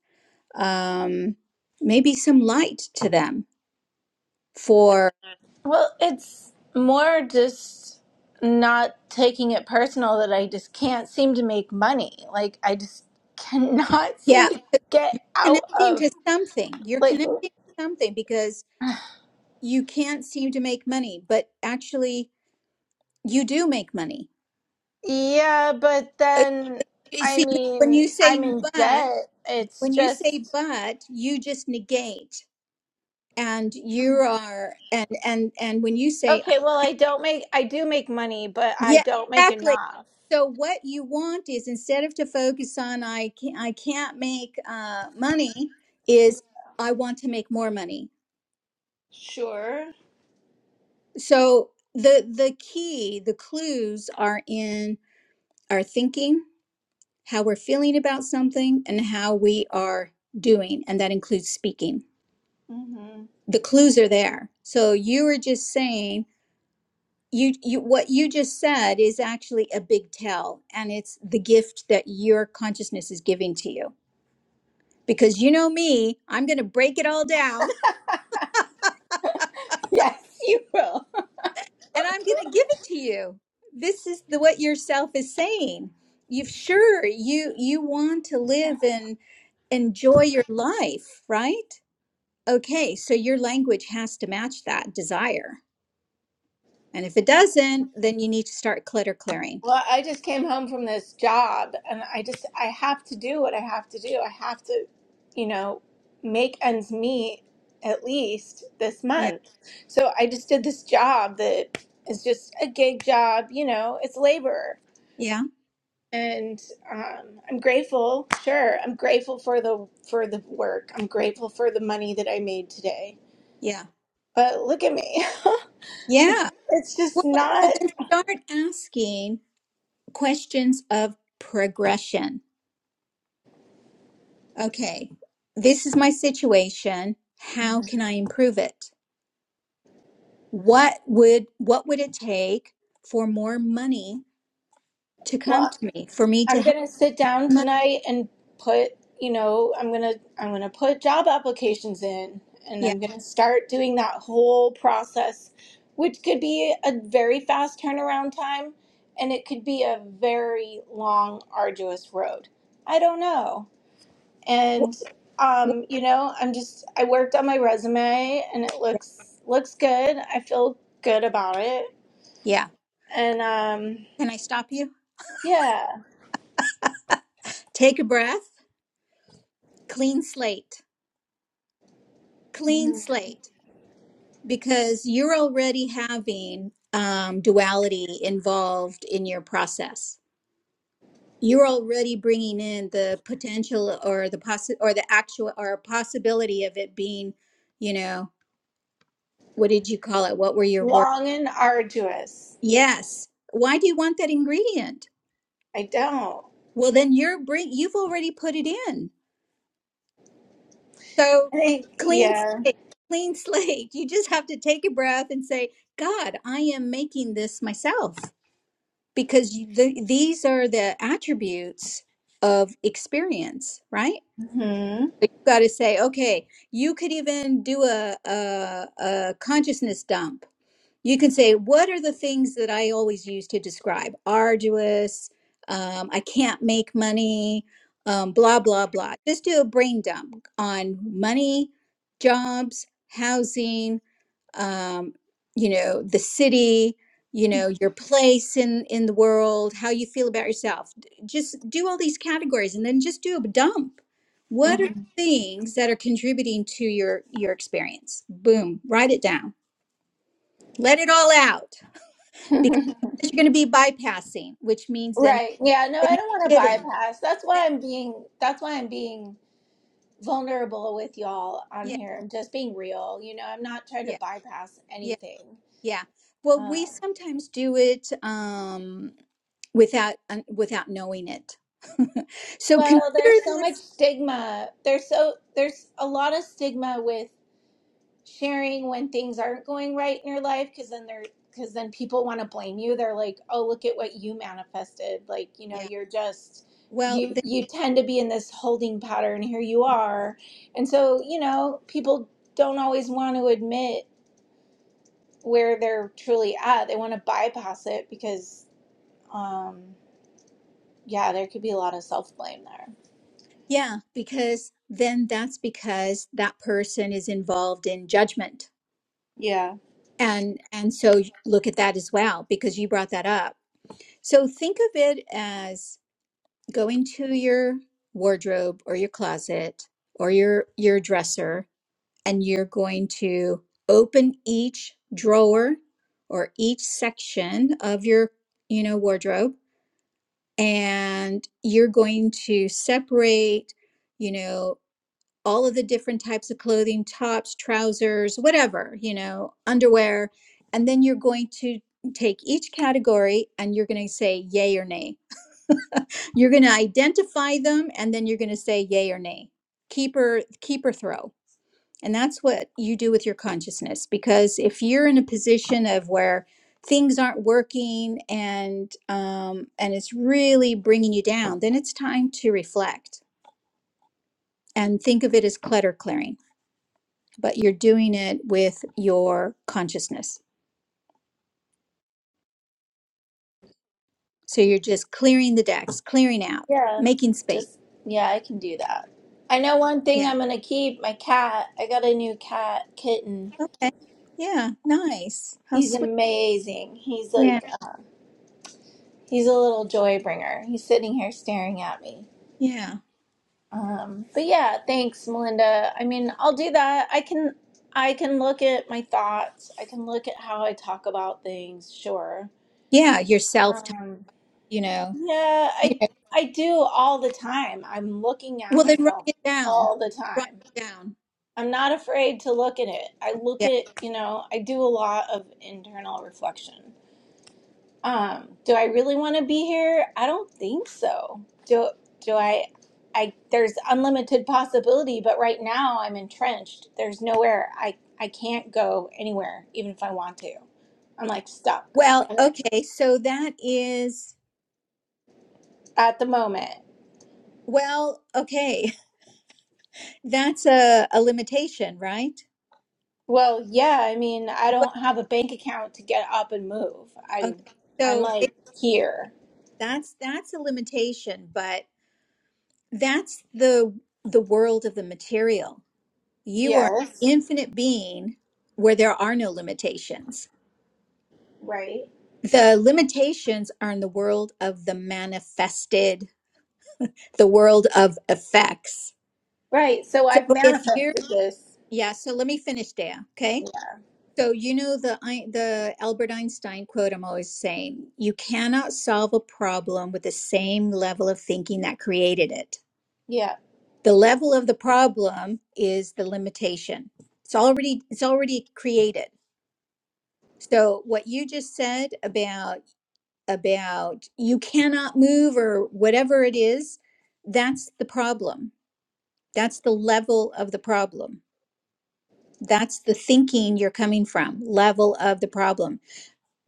um maybe some light to them for
Well, it's more just not taking it personal that I just can't seem to make money. Like I just cannot seem
yeah
to get out
connecting
of.
to something you're
Like
connecting to something because you can't seem to make money but actually you do make money
Yeah, but
Uh,
then
you
I
see when
mean,
you say
I'm in
but
debt. It's
when you say
just
but you just negate and you are and and and when you say
okay. Well, I don't make. I do make money, but I
yeah
don't make
exactly
enough.
so what you want is instead of to focus on i can't i can't make uh, money is i want to make more money
Sure.
so the the key the clues are in our thinking how we're feeling about something and how we are doing and that includes speaking
hmm
the clues are there so you were just saying you you what you just said is actually a big tell and it's the gift that your consciousness is giving to you because you know me i'm going to break it all down
Yes, you will.
and i'm going to give it to you this is the what yourself is saying you've sure you you want to live and enjoy your life right okay so your language has to match that desire and if it doesn't then you need to start clutter clearing
Well, I just came home from this job, and I just I have to do what I have to do. I have to, you know, make ends meet at least this
yeah
month. So I just did this job that is just a gig job. You know, it's labor.
yeah
and um, I'm grateful. Sure, I'm grateful for the for the work. I'm grateful for the money that I made today.
yeah
But look at me. It's,
yeah
it's just
Well, well,
not.
then start asking questions of progression. Okay, this is my situation. How can I improve it? What would what would it take for more money to come
Well,
to me? For me to
I'm
have
gonna sit down
money?
tonight and put. You know, I'm gonna I'm gonna put job applications in, and
Yeah,
I'm gonna start doing that whole process, which could be a very fast turnaround time, and it could be a very long, arduous road. I don't know
Wh-
and
wh-
um, you know, I'm just I worked on my resume and it looks looks good. I feel good about it,
yeah.
and um,
Can I stop you?
yeah,
Take a breath. Clean slate. Clean
Mhm.
slate. Because you're already having um, duality involved in your process you're already bringing in the potential or the possi or the actual or possibility of it being, you know, what did you call it? What were your words?
long and arduous.
Yes. Why do you want that ingredient?
I don't.
Well, then you're bring you've already put it in. So
I think
clean
yeah.
slate, clean slate. You just have to take a breath and say, God, I am making this myself because you, the, these are the attributes of experience, right?
hmm
But you got to say, okay, you could even do a, a a consciousness dump. You can say, what are the things that I always use to describe? Arduous. Um, I can't make money. Um, blah blah blah. Just do a brain dump on money, jobs, housing um, you know, the city, you know, your place in in the world, how you feel about yourself. D- Just do all these categories and then just do a dump. What are things that are contributing to your your experience? Boom, write it down. Let it all out
hmm
because otherwise you're going to be bypassing, which means then it's
right. Yeah. No, I
then it's
don't want to
hidden.
bypass. That's why
That-
I'm being. That's why I'm being vulnerable with y'all on
Yeah,
here. I'm just being real. You know, I'm not trying to
yeah,
bypass
yeah,
anything.
yeah. Well, we
Um,
sometimes do it um, without uh, without knowing it. So consider
Well, there's so
this.
much stigma. There's so there's a lot of stigma with sharing when things aren't going right in your life because then they're because then people want to blame you. They're like, "Oh, look at what you manifested." Like, you know,
Yeah.
you're just
Well,
you
th-
you tend to be in this holding pattern. Here you are. And so, you know, people don't always want to admit where they're truly at. They want to bypass it because um yeah, there could be a lot of self-blame there.
yeah, because then that's because that person is involved in judgment.
Yeah.
And and so y- look at that as well because you brought that up. So think of it as go into your wardrobe or your closet or your your dresser and you're going to open each drawer or each section of your you know wardrobe and you're going to separate you know all of the different types of clothing tops trousers whatever you know underwear and then you're going to take each category and you're going to say yay or nay you're going to identify them and then you're going to say yay or nay keep or keep or throw and that's what you do with your consciousness because if you're in a position of where things aren't working and um, and it's really bringing you down then it's time to reflect and think of it as clutter clearing but you're doing it with your consciousness. So you're just clearing the decks, clearing out,
Yeah,
making space.
just yeah, I can do that. I know one thing
Yeah.
I'm gonna keep my cat. I got a new cat kitten.
Okay. Yeah. Nice. How
He's
sweet.
amazing. He's
Yeah.
like uh, he's a little joy bringer. He's sitting here staring at me.
Yeah.
Um, but yeah, thanks, Melinda. I mean, I'll do that. I can I can look at my thoughts. I can look at how I talk about things. Sure.
Yeah. Yourself,
Um,
you know.
yeah,
You
I
know.
I do all the time. I'm looking at
Well, then write
myself
it down.
all the
Write
time.
it down.
I'm not afraid to look at it. I look
Yeah.
at, you know, I do a lot of internal reflection. Um, do I really want to be here? I don't think so. Do do I I there's unlimited possibility, but right now I'm entrenched. There's nowhere I I can't go anywhere even if I want to. I'm like stuck
Well, okay. So that is,
at the moment.
well, okay. That's a, a limitation, right?
Well, yeah, I mean, I
But
don't have a bank account to get up and move. I'm
okay.
I'm
So it-
like here.
that's that's a limitation, but that's the the world of the material you are an
Yes,
infinite being where there are no limitations
right.
the limitations are in the world of the manifested the world of effects
Right. So
so
I've
if you're
manifested this.
yeah so let me finish there okay so you know the Ein- the albert einstein quote i'm always saying you cannot solve a problem with the same level of thinking that created it
Yeah.
the level of the problem is the limitation it's already it's already created so what you just said about about you cannot move or whatever it is that's the problem that's the level of the problem that's the thinking you're coming from level of the problem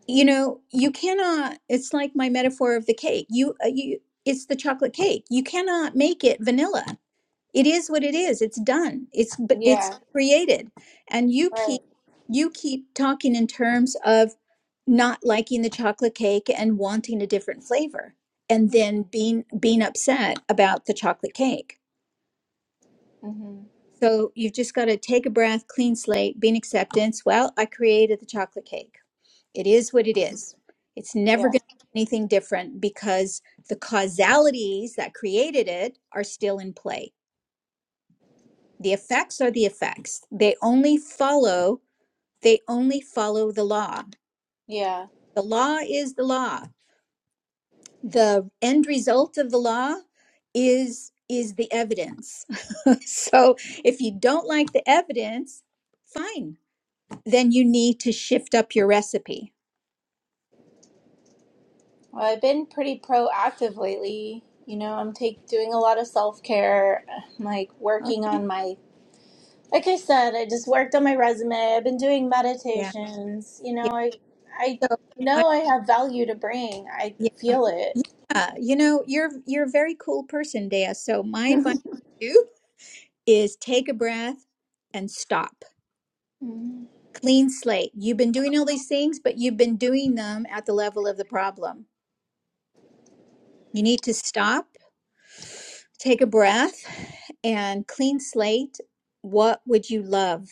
you know you cannot it's like my metaphor of the cake you uh, you it's the chocolate cake you cannot make it vanilla it is what it is it's done it's but it's
Yeah.
created and you
Right.
keep you keep talking in terms of not liking the chocolate cake and wanting a different flavor and then being being upset about the chocolate cake
hmm
so you've just got to take a breath clean slate be in acceptance well i created the chocolate cake it is what it is it's never
Yeah.
going to be anything different because the causalities that created it are still in play The effects are the effects. They only follow, they only follow the law.
Yeah.
The law is the law. The end result of the law is is the evidence. so if you don't like the evidence, fine. Then you need to shift up your recipe.
Well, I've been pretty proactive lately. You know, I'm take doing a lot of self care. like
Oh,
working on my. Like I said, I just worked on my resume. I've been doing
yeah.
meditations. You know,
Yeah.
I I
So I
know I have value to bring. I
yeah,
feel it.
yeah. You know, you're you're a very cool person, Dea. So my advice to you is take a breath and stop
Mhm.
clean slate. You've been doing all these things, but you've been doing them at the level of the problem. You need to stop, take a breath, and clean slate. What would you love?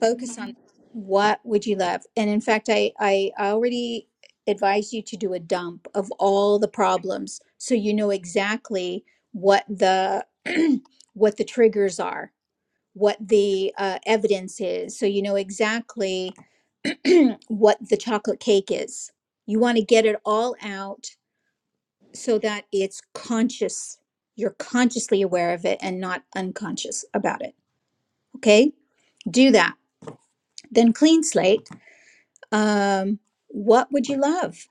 Focus on what would you love. And in fact, I, I already advise you to do a dump of all the problems so you know exactly what the what the triggers are, what the uh, evidence is, so you know exactly what the chocolate cake is. You want to get it all out so that it's conscious. You're consciously aware of it and not unconscious about it. Okay? Do that. Then clean slate. Um, what would you love?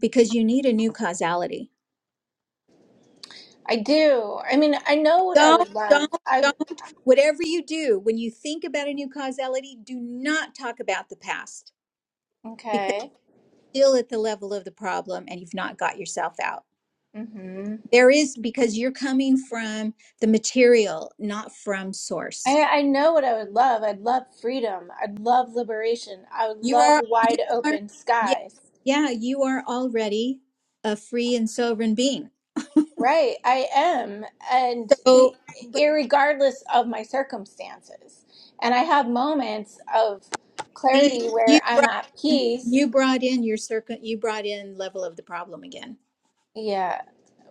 Because you need a new causality.
I do. I mean, I know what I
Don't,
would love.
don't,
I
don't. Whatever you do, when you think about a new causality, do not talk about the past because
okay.
it's still at the level of the problem and you've not got yourself out. There is because you're coming from the material, not from source.
I, I know what I would love. I'd love freedom. I'd love liberation. I would
You
love
are you
wide
are
open
yeah,
skies.
yeah, you are already a free and sovereign being.
Right, I am, and i-
So but
irregardless of my circumstances, and I have moments of
see
clarity
you
where I'm
brought
at
in,
peace.
you brought in your circle you brought in level of the problem again.
Yeah,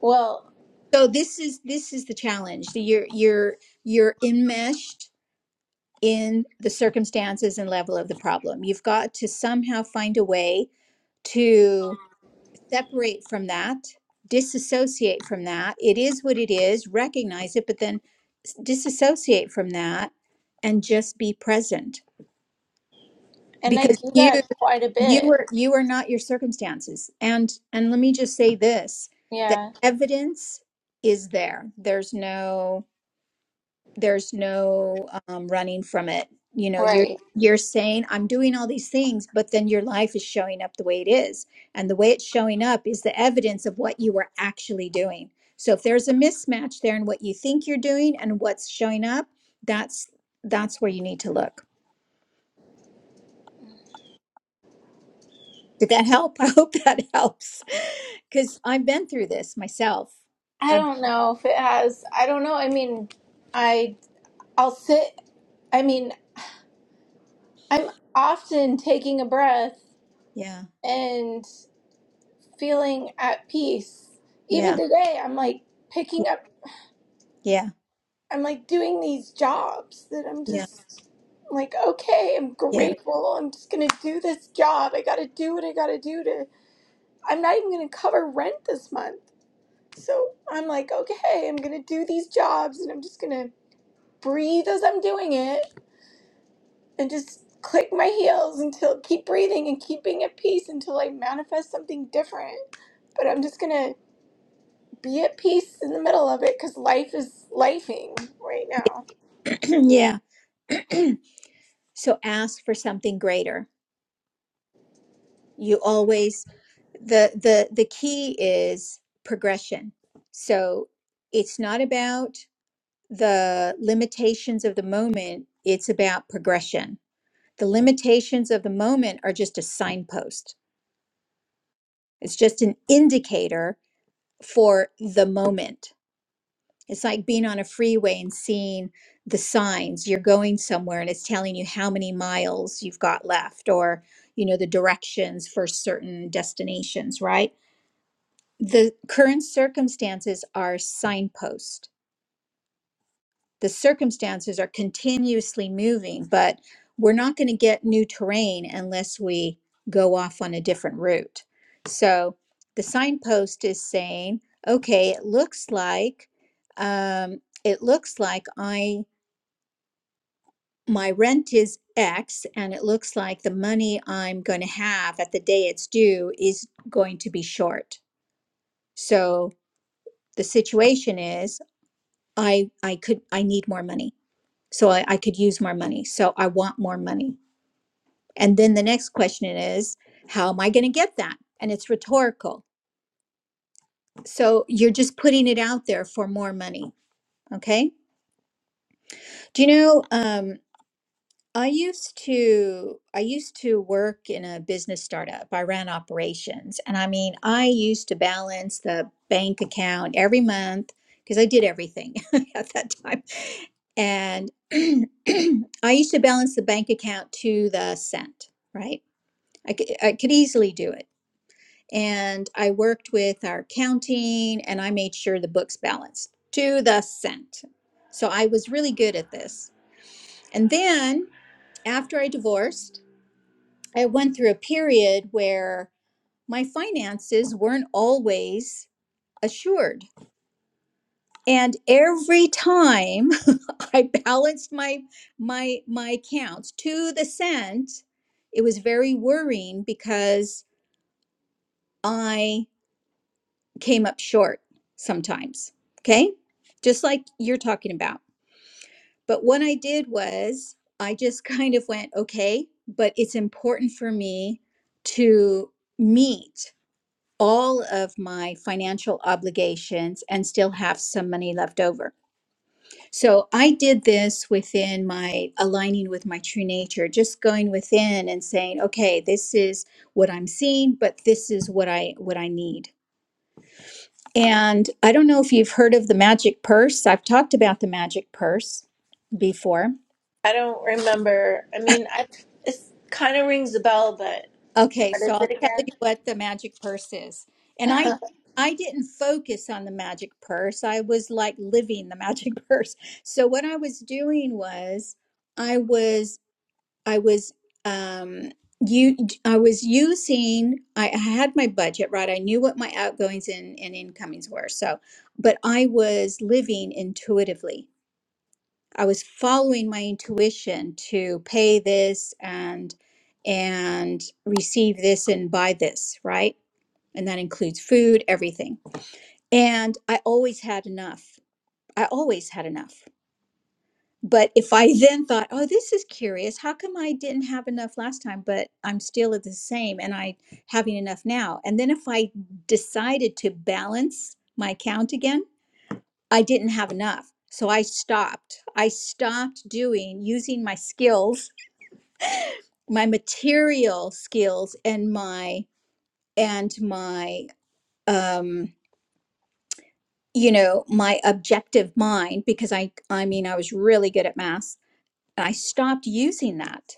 well,
So this is this is the challenge. So you're you're you're enmeshed in the circumstances and level of the problem. You've got to somehow find a way to. separate from that, disassociate from that. It is what it is, recognize it, but then disassociate from that and just be present
and I
because
do
you
that quite a
you
bit.
are you are not your circumstances. And and let me just say this, the
Yeah,
evidence is there. There's no there's no um, running from it you know you're
right.
you're saying i'm doing all these things but then your life is showing up the way it is and the way it's showing up is the evidence of what you were actually doing so if there's a mismatch there in what you think you're doing and what's showing up that's that's where you need to look did that help i hope that helps because i've been through this myself
I
I've,
don't know if it has. I don't know. I mean, I I'll sit. I mean, I'm often taking a breath
yeah
and feeling at peace. Even
yeah
today, I'm like picking up,
yeah
I'm like doing these jobs that I'm
yeah
just like, okay, I'm
yeah
grateful. I'm just gonna do this job. I gotta do what I gotta do to, I'm not even gonna cover rent this month. So I'm like, okay, I'm gonna do these jobs and I'm just gonna breathe as I'm doing it and just click my heels until keep breathing and keep being at peace until I manifest something different. But I'm just gonna be at peace in the middle of it because life is lifing right now.
yeah so ask for something greater you always the the the key is progression so it's not about the limitations of the moment it's about progression the limitations of the moment are just a signpost it's just an indicator for the moment It's like being on a freeway and seeing the signs. You're going somewhere and it's telling you how many miles you've got left or, you know, the directions for certain destinations, right? The current circumstances are signposts the circumstances are continuously moving, but we're not going to get new terrain unless we go off on a different route. So the signpost is saying, okay, it looks like um, it looks like I my rent is X, and it looks like the money I'm going to have at the day it's due is going to be short. So the situation is, I I could I need more money. so I, I could use more money. So I want more money. And then the next question is, how am I going to get that? And it's rhetorical. So you're just putting it out there for more money. Okay. Do you know? Um, I used to I used to work in a business startup. I ran operations and I mean, I used to balance the bank account every month because I did everything at that time. And I used to balance the bank account to the cent, right? I could, I could easily do it. And I worked with our accounting and I made sure the books balanced to the cent. So I was really good at this. And then after I divorced, I went through a period where my finances weren't always assured. And every time I balanced my my my accounts to the cent, it was very worrying because I came up short sometimes. Okay? Just like you're talking about. But what I did was I just kind of went, okay, but it's important for me to meet all of my financial obligations and still have some money left over. So I did this within my aligning with my true nature, just going within and saying, okay, this is what I'm seeing, but this is what I what I need. And I don't know if you've heard of the magic purse. I've talked about the magic purse before
I don't remember. I mean, I it kind of rings a bell, but
Okay,
what
so
is
I'll
it
tell
again?
you what the magic purse is. And I I didn't focus on the magic purse. I was like living the magic purse. So what I was doing was I was I was um you I was using I I had my budget right. I knew what my outgoings and, and incomings were. So but I was living intuitively. I was following my intuition to pay this and and receive this and buy this, right? And that includes food, everything. And I always had enough. I always had enough. But if I then thought, "Oh, this is curious. How come I didn't have enough last time, but I'm still at the same and I having enough now?" And then if I decided to balance my account again, I didn't have enough. So I stopped. I stopped doing using my skills, my material skills and my and my um you know, my objective mind because I I mean I was really good at math. I stopped using that.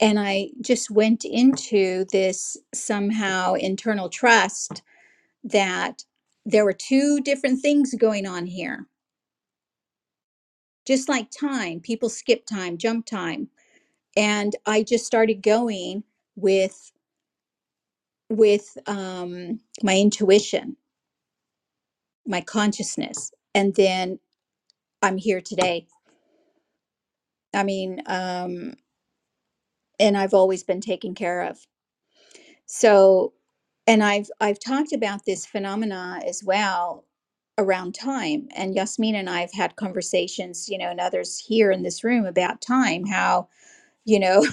And I just went into this somehow internal trust that there were two different things going on here. Just like time, people skip time, jump time and I just started going with with um, my intuition, my consciousness, and then I'm here today. I mean, um, and I've always been taken care of. So, and I've I've talked about this phenomena as well around time. And Yasmin and I have had conversations, you know, and others here in this room about time. How you know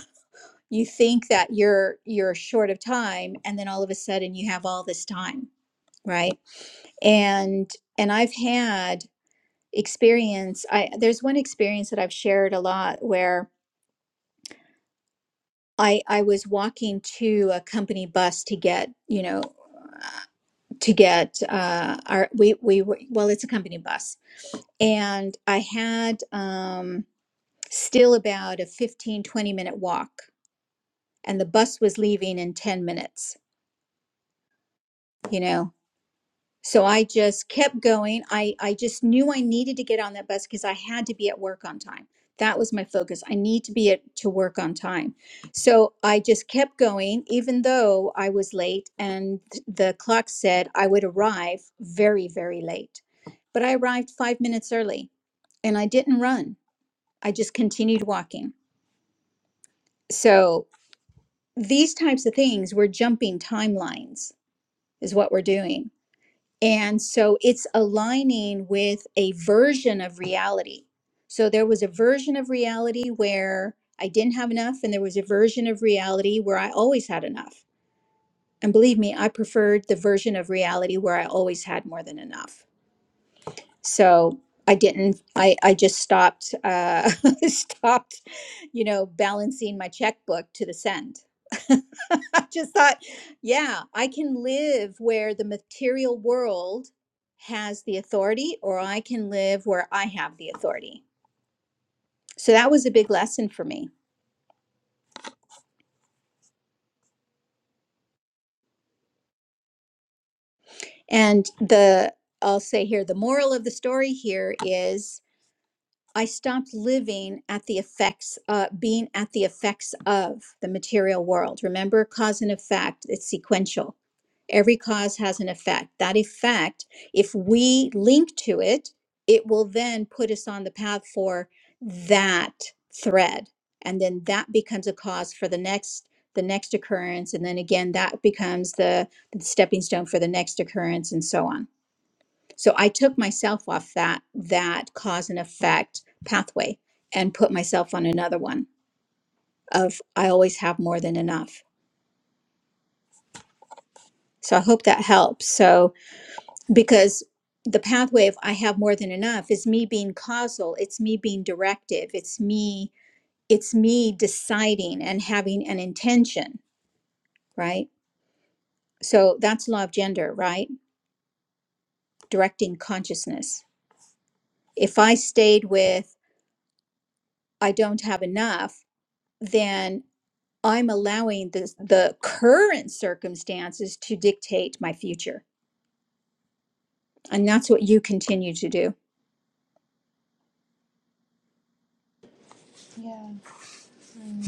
you think that you're you're short of time, and then all of a sudden you have all this time, right? and and i've had experience i there's one experience that i've shared a lot where i i was walking to a company bus to get you know to get uh our we we were well it's a company bus and i had um still about a 15 20 minute walk and the bus was leaving in 10 minutes you know So I just kept going. I, I just knew I needed to get on that bus because I had to be at work on time. That was my focus. I need to be at to work on time. So I just kept going, even though I was late and th- the clock said I would arrive very, very late. But I arrived five minutes early and I didn't run. I just continued walking. So these types of things, we're jumping timelines, is what we're doing And so it's aligning with a version of reality. So there was a version of reality where I didn't have enough, and there was a version of reality where I always had enough. And believe me, I preferred the version of reality where I always had more than enough so i didn't i i just stopped uh stopped you know balancing my checkbook to the send i just thought yeah i can live where the material world has the authority or i can live where i have the authority so that was a big lesson for me and the i'll say here the moral of the story here is I stopped living at the effects, uh, being at the effects of the material world. Remember, cause and effect, it's sequential. Every cause has an effect. That effect, if we link to it, it will then put us on the path for that thread. And then that becomes a cause for the next the next occurrence and then again that becomes the, the stepping stone for the next occurrence and so on so I took myself off that that cause and effect pathway and put myself on another one of I always have more than enough. So I hope that helps. So because the pathway of I have more than enough is me being causal, it's me being directive, it's me it's me deciding and having an intention, right? So that's law of gender, right? Directing consciousness. If I stayed with I don't have enough, then I'm allowing this, the current circumstances to dictate my future. And that's what you continue to do
Yeah. hmm.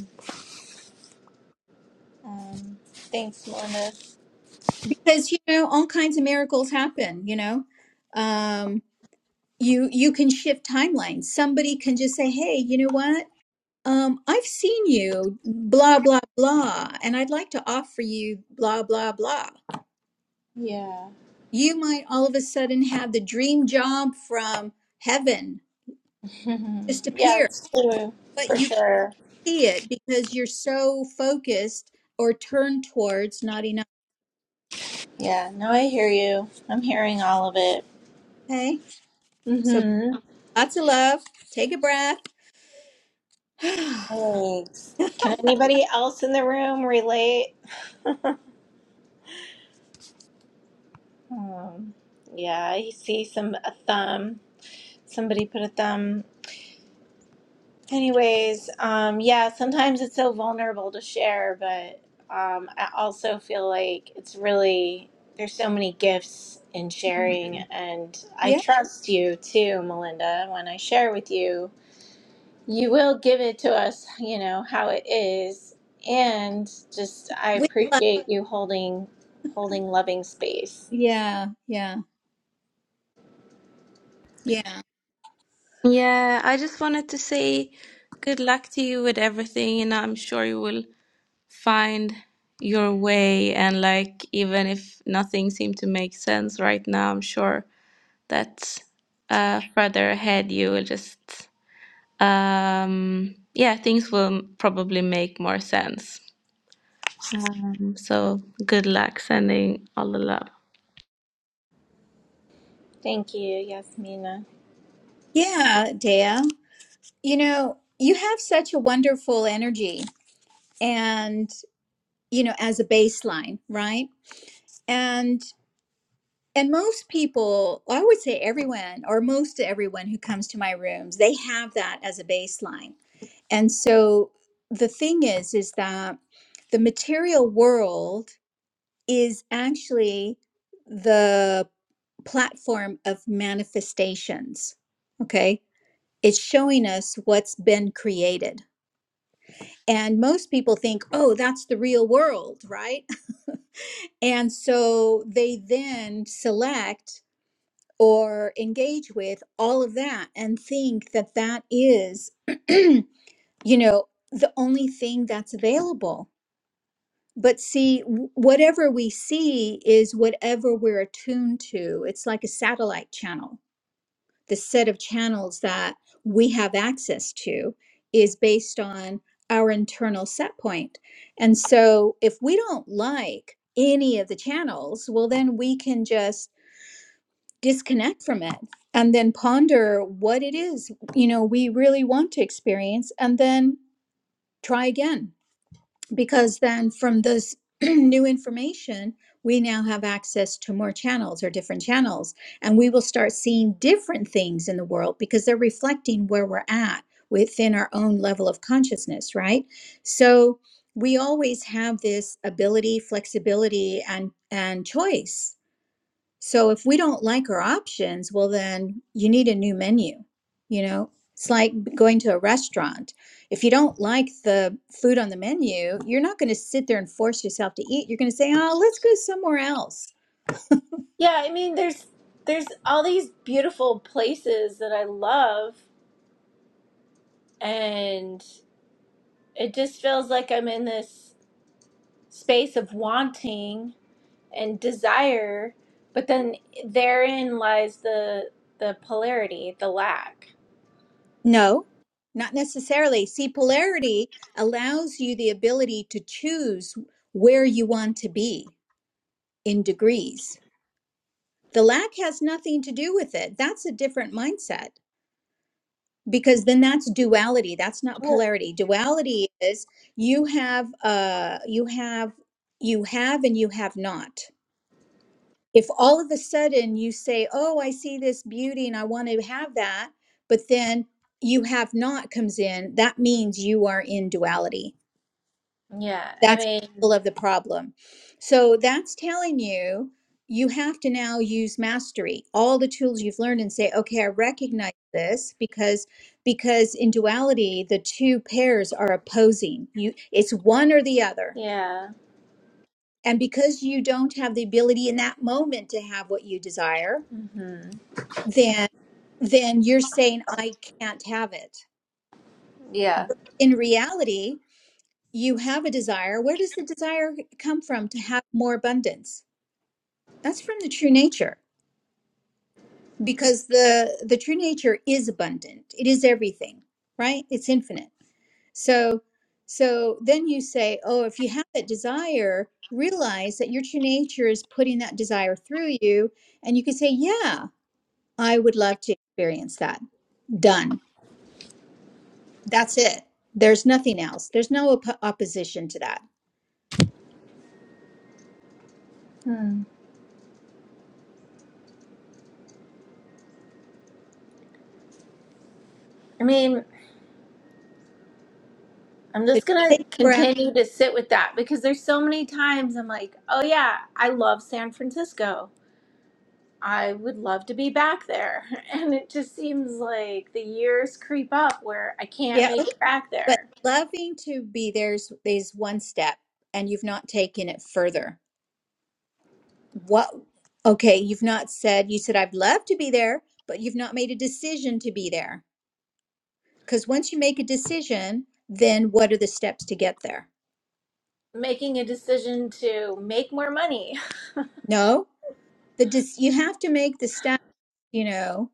Um, thanks, Mona.
because, you know, all kinds of miracles happen, you know, um, you, you can shift timelines. Somebody can just say, Hey, you know what? Um, I've seen you blah, blah, blah, and I'd like to offer you blah, blah, blah.
Yeah.
You might all of a sudden have the dream job from heaven just
yeah,
appear,
it's true
but
for
you
sure.
see it because you're so focused or turned towards not enough.
Yeah. No, I hear you. I'm hearing all of it.
Okay. So
Mm-hmm.
lots of love. Take a breath.
Thanks. Can anybody else in the room relate? Um, yeah, I see some a thumb. Somebody put a thumb Anyways, um, yeah, sometimes it's so vulnerable to share, but um, I also feel like it's really, there's so many gifts in sharing. And I
yeah.
trust you too, Melinda. When I share with you, you will give it to us, you know, how it is. And just, I
With love.
appreciate you holding, holding loving space.
Yeah. Yeah. Yeah.
Yeah, I just wanted to say good luck to you with everything, and I'm sure you will find your way. And like, even if nothing seemed to make sense right now, I'm sure that uh, further ahead you will just, um, yeah, things will probably make more sense. So good luck, sending all the love.
Thank you, Yasmina.
Yeah, Dea. You know, you have such a wonderful energy and, you know, as a baseline, right? And, and most people, I would say everyone or most everyone who comes to my rooms, they have that as a baseline And so the thing is, is that the material world is actually the platform of manifestations. Okay. It's showing us what's been created. And most people think, oh, that's the real world, right? And so they then select or engage with all of that and think that that is, you know, the only thing that's available But see, w- whatever we see is whatever we're attuned to. It's like a satellite channel. The set of channels that we have access to is based on our internal set point. And so if we don't like any of the channels, well, then we can just disconnect from it and then ponder what it is, you know, we really want to experience and then try again because then from this new information, we now have access to more channels or different channels, and we will start seeing different things in the world because they're reflecting where we're at within our own level of consciousness, right? So we always have this ability, flexibility, and and choice so if we don't like our options, well, then you need a new menu. You know, it's like going to a restaurant. If you don't like the food on the menu, you're not going to sit there and force yourself to eat. You're going to say, oh, let's go somewhere else.
Yeah, I mean, there's, there's all these beautiful places that I love and it just feels like I'm in this space of wanting and desire, but then therein lies the the polarity, the lack.
No, not necessarily. See, polarity allows you the ability to choose where you want to be in degrees. The lack has nothing to do with it. That's a different mindset. because then that's duality that's not
Well-
polarity duality is you have uh you have you have and you have not if all of a sudden you say oh i see this beauty and i want to have that but then you have not comes in that means you are in duality
Yeah, I
that's
mean,
all of the problem. So that's telling you you have to now use mastery, all the tools you've learned and say, okay, I recognize this because because in duality the two pairs are opposing. You it's one or the other.
yeah,
And because you don't have the ability in that moment to have what you desire,
hmm
then then you're saying I can't have it.
yeah.
In reality, you have a desire. Where does the desire come from to have more abundance? That's from the true nature because the the true nature is abundant. It is everything, right? It's infinite. So so then you say, "Oh, if you have that desire, realize that your true nature is putting that desire through you." And you can say, "Yeah, I would love to experience that." Done. That's it. There's nothing else. There's no op- opposition to that.
Hmm. I mean, I'm
So
just gonna
take a breath.
continue to sit with that because there's so many times I'm like, oh yeah, I love San Francisco I would love to be back there. And it just seems like the years creep up where I can't
Yeah,
make
okay.
it back
But
there.
loving to be there's is is one step, and you've not taken it further. What? Okay, you've not said. You said I've loved to be there, but you've not made a decision to be there. Because once you make a decision, then what are the steps to get there?
Making a decision to make more money.
No. the dis- you have to make the stats you know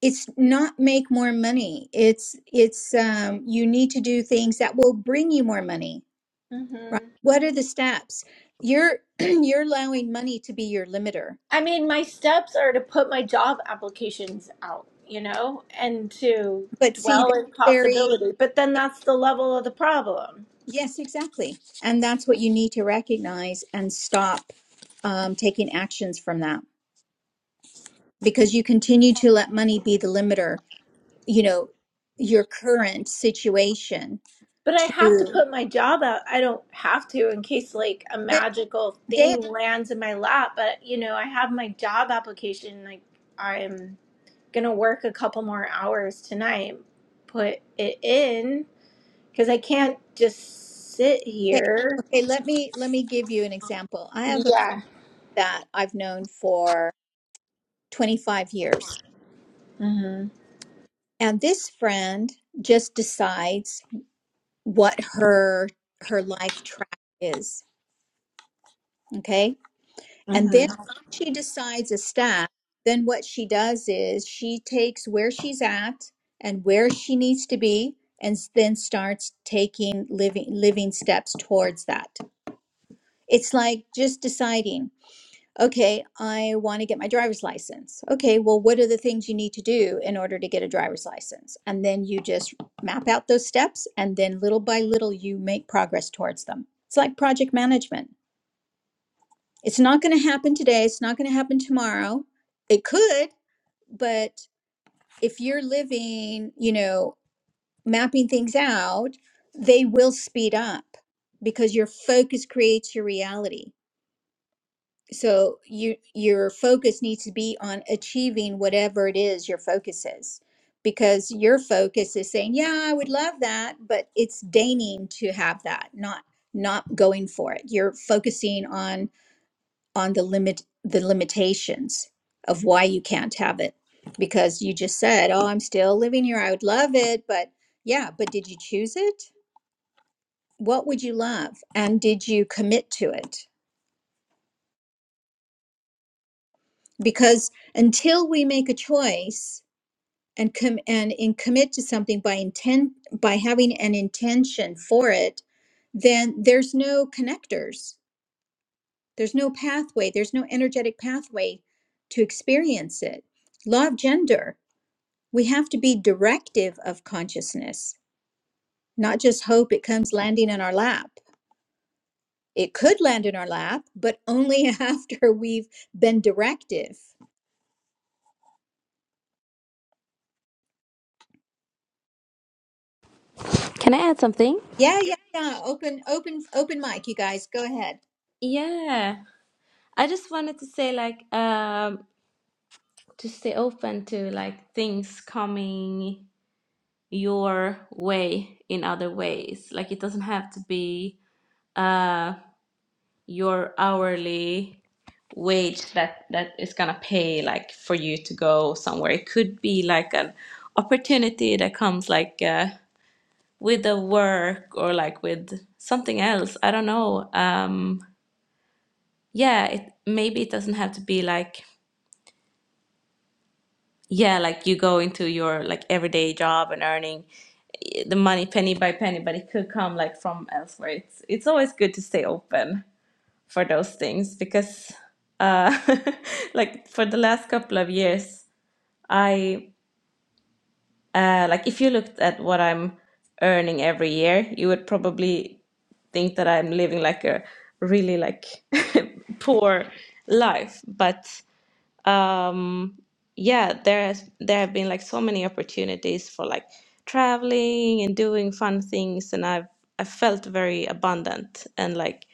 it's not make more money it's it's um you need to do things that will bring you more money right
hmm
what are the steps you're you're allowing money to be your limiter
I mean, my steps are to put my job applications out, you know, and to
but see
dwell
that's
in
very
possibility. But then that's the level of the problem.
yes exactly and that's what you need to recognize and stop um, taking actions from that because you continue to let money be the limiter you know your current situation
But I have to
to
put my job out. I don't have to in case like a
but
magical
Dale,
thing lands in my lap. But, you know, I have my job application. Like, I'm. gonna work a couple more hours tonight, put it in because I can't just sit
Okay,
here.
okay, let me let me give you an example. I have a friend
Yeah.
that I've known for 25 years.
Mhm.
And this friend just decides what her her life track is, okay? And then
Mhm.
she decides a stack, then what she does is she takes where she's at and where she needs to be and s- then starts taking living living steps towards that. It's like just deciding. Okay, I want to get my driver's license. Okay, well, what are the things you need to do in order to get a driver's license? And then you just map out those steps, and then little by little, you make progress towards them. It's like project management. It's not going to happen today, it's not going to happen tomorrow. It could, but if you're living, you know, mapping things out, they will speed up because your focus creates your reality so you your focus needs to be on achieving whatever it is your focus is because your focus is saying yeah i would love that but it's deigning to have that not not going for it you're focusing on on the limit the limitations of why you can't have it because you just said oh i'm still living here i would love it but yeah but did you choose it what would you love and did you commit to it because until we make a choice and com- and in commit to something by intent by having an intention for it then there's no connectors there's no pathway there's no energetic pathway to experience it law of gender we have to be directive of consciousness not just hope it comes landing in our lap it could land in our lap but only after we've been directive
Can I add something?
yeah yeah yeah open open open mic you guys go ahead
Yeah, I just wanted to say like um to stay open to like things coming your way in other ways. Like it doesn't have to be uh your hourly wage that that is gonna pay like for you to go somewhere. It could be like an opportunity that comes like uh with the work or like with something else. I don't know. Um yeah, it maybe it doesn't have to be like yeah, like you go into your like everyday job and earning eh, the money penny by penny, but it could come like from elsewhere. It's it's always good to stay open for those things because uh like for the last couple of years, I uh like if you looked at what I'm earning every year, you would probably think that I'm living like a really like poor life, but um yeah there has there have been like so many opportunities for like traveling and doing fun things and I've I felt very abundant and like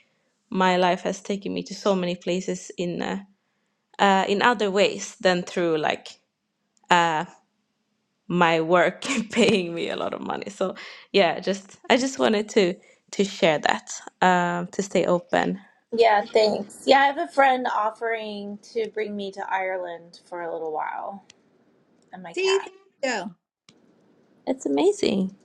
my life has taken me to so many places in uh, uh in other ways than through like my work paying me a lot of money so yeah just I just wanted to to share that um to stay open
Yeah. Thanks. Yeah, I have a friend offering to bring me to Ireland for a little while and my
see
cat,
go
it's amazing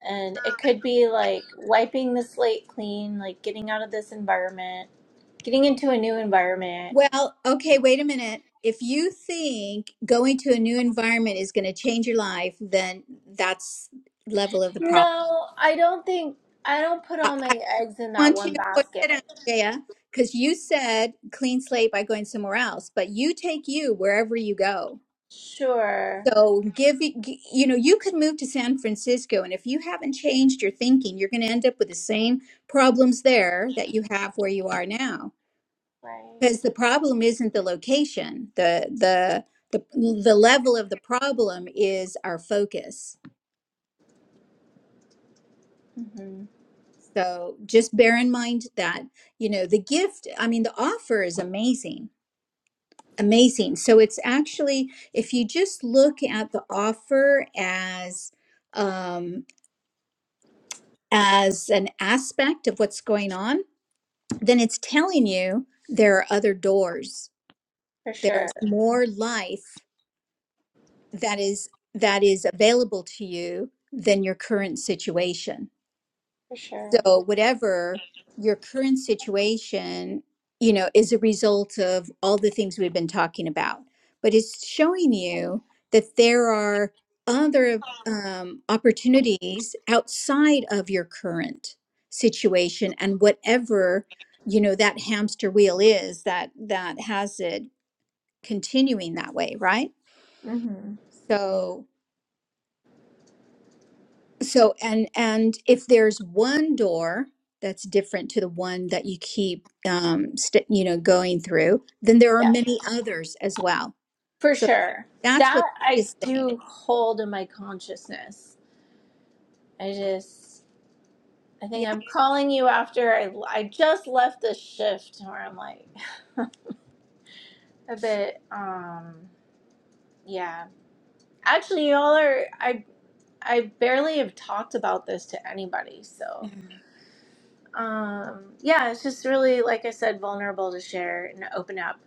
and it could be like wiping the slate clean, like getting out of this environment, getting into a new environment.
Well, okay, wait a minute. If you think going to a new environment is going to change your life, then that's level of the problem.
No, I don't think I don't put
I,
all
I
my eggs in that
want to
one
point that out,
basket.
Jaya, because you said clean slate by going somewhere else, but you take you wherever you go.
Sure.
So give g- you know you could move to San Francisco, and if you haven't changed your thinking, you're going to end up with the same problems there that you have where you are now.
Right.
Because the problem isn't the location. The the the the level of the problem is our focus.
hmm
So just bear in mind that, you know, the gift, I mean, the offer is amazing. Amazing. So it's actually if you just look at the offer as um as an aspect of what's going on, then it's telling you there are other doors.
For sure.
There's more life that is that is available to you than your current situation
For sure.
so whatever your current situation you know is a result of all the things we've been talking about but it's showing you that there are other um, opportunities outside of your current situation and whatever you know that hamster wheel is that that has it continuing that way right
hmm
so So and and if there's one door that's different to the one that you keep um st- you know going through, then there are
Yeah,
many others as well.
for
So
sure.
that's
That
what
I
this saying.
do hold in my consciousness. I just, I
Yeah.
think I'm calling you after I, I just left the shift where I'm like a bit, um, yeah. Actually, y'all are, I, I barely have talked about this to anybody. So,
Mhm.
um, yeah, it's just really, like I said, vulnerable to share and open up.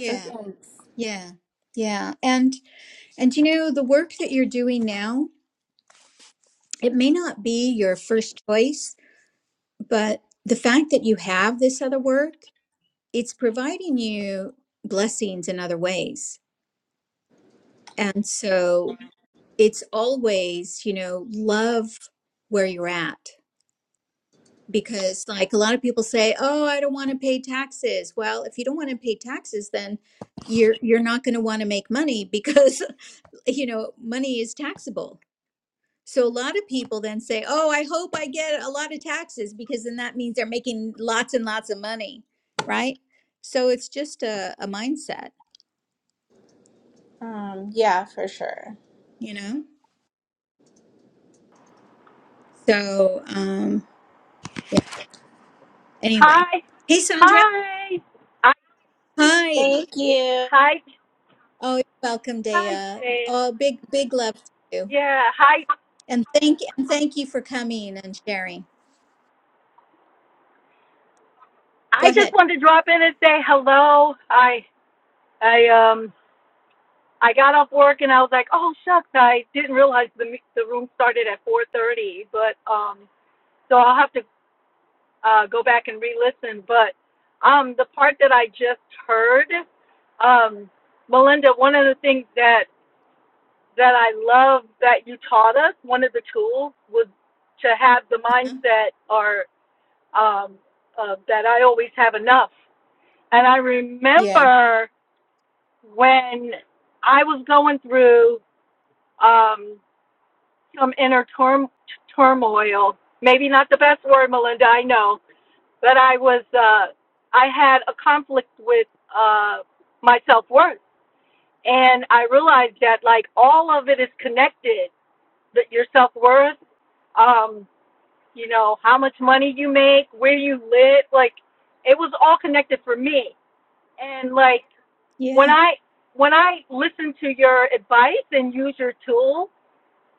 So thanks.
Yeah. Yeah. And and you know the work that you're doing now, it may not be your first choice, but the fact that you have this other work, it's providing you blessings in other ways. And so it's always, you know, love where you're at. Because, like, a lot of people say, "Oh, I don't want to pay taxes." Well, if you don't want to pay taxes, then you're you're not going to want to make money because, you know, money is taxable. So a lot of people then say, "Oh, I hope I get a lot of taxes because then that means they're making lots and lots of money, right?" So it's just a, a mindset,
Um, yeah, for sure.
you know. So um, yeah. anyway,
Hi,
hey Sandra,
hi, I,
hi.
Thank you.
hi,
Oh, you're welcome,
hi,
Dea.
Jane.
Oh, big, big love to you.
Yeah, hi.
And thank and thank you for coming and sharing.
I
Go
just
ahead.
wanted to drop in and say hello. I, I, um, I got off work and I was like, oh shucks, I didn't realize the me- the room started at 4:30, but um, so I'll have to uh, go back and re-listen. But um, the part that I just heard, um, Melinda, one of the things that that I love that you taught us, one of the tools was to have the
Huh?
mindset or um, uh, that I always have enough. And I
Yeah.
remember when I was going through um, some inner turm- turmoil, maybe not the best word, Melinda, I know, but I was, uh, I had a conflict with uh, my self worth. And I realized that like all of it is connected the, your self worth, um, you know, how much money you make, where you live, like it was all connected for me. And like when
Yeah.
I when I listened to your advice and use your tool,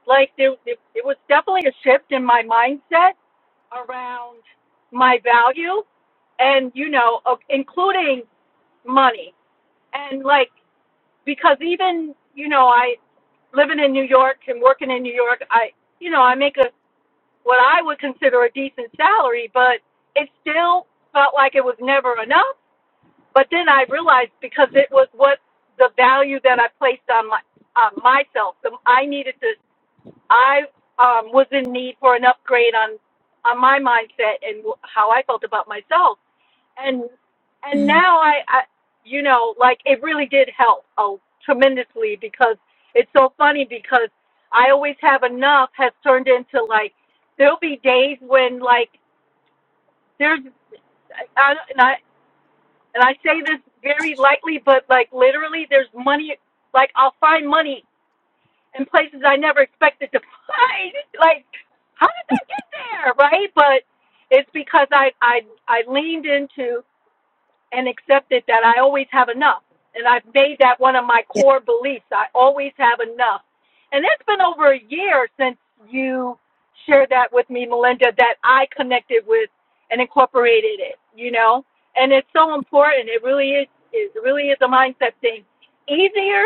like there it, it was definitely a shift in my mindset around my value and you know, of including money. And like because even, you know, I living in New York and working in New York, I you know, I make a what I would consider a decent salary, but it still felt like it was never enough. But then I realized because it was what the value that I placed on my on myself. The, I needed to. I um, was in need for an upgrade on on my mindset and how I felt about myself and and
Mm.
now I, I you know like it really did help oh tremendously because it's so funny because i always have enough has turned into like there'll be days when like there's I, and i and i say this very lightly but like literally there's money like i'll find money in places i never expected to find like how did that get there right but it's because i i i leaned into and accepted that I always have enough. And I've made that one of my
Yeah.
core beliefs. I always have enough. And it has been over a year since you shared that with me, Melinda, that I connected with and incorporated it, you know? And it's so important. It really is it really is a mindset thing. Easier,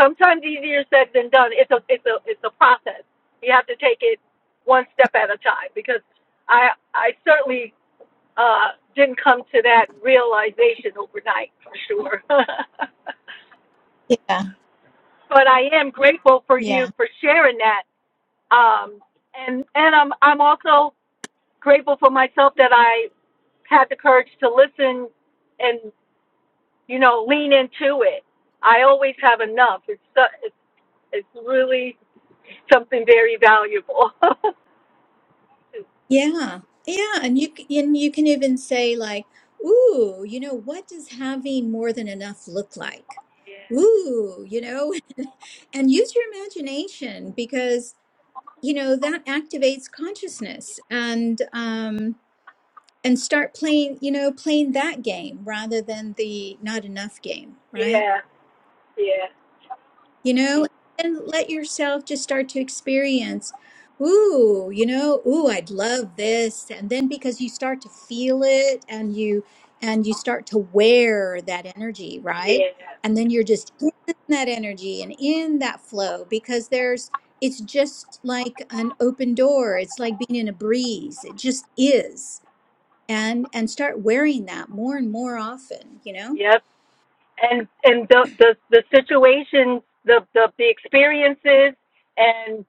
sometimes easier said than done. It's a it's a it's a process. You have to take it one step at a time because I I certainly uh, didn't come to that realization overnight for sure. but
Yeah.
I am grateful for you
Yeah.
for sharing that. Um, and and I'm I'm also grateful for myself that I had the courage to listen and you know lean into it. I always have enough. It's so- it's, it's really something very valuable. yeah,
Yeah. Yeah. And you c- and you can even say like, ooh, you know, what does having more than enough look like? Ooh, you know, and use your imagination because you know that activates consciousness and um and start playing you know playing that game rather than the not enough game right
yeah, yeah,
you know, and let yourself just start to experience, ooh, you know, ooh, I'd love this. And then because you start to feel it and you and you start to wear that energy,
yeah.
right? And then you're just in that energy and in that flow because there's it's just like an open door. It's like being in a breeze. It just is. And and start wearing that more and more often, you know?
Yep. and and the the the situations, the the the experiences, and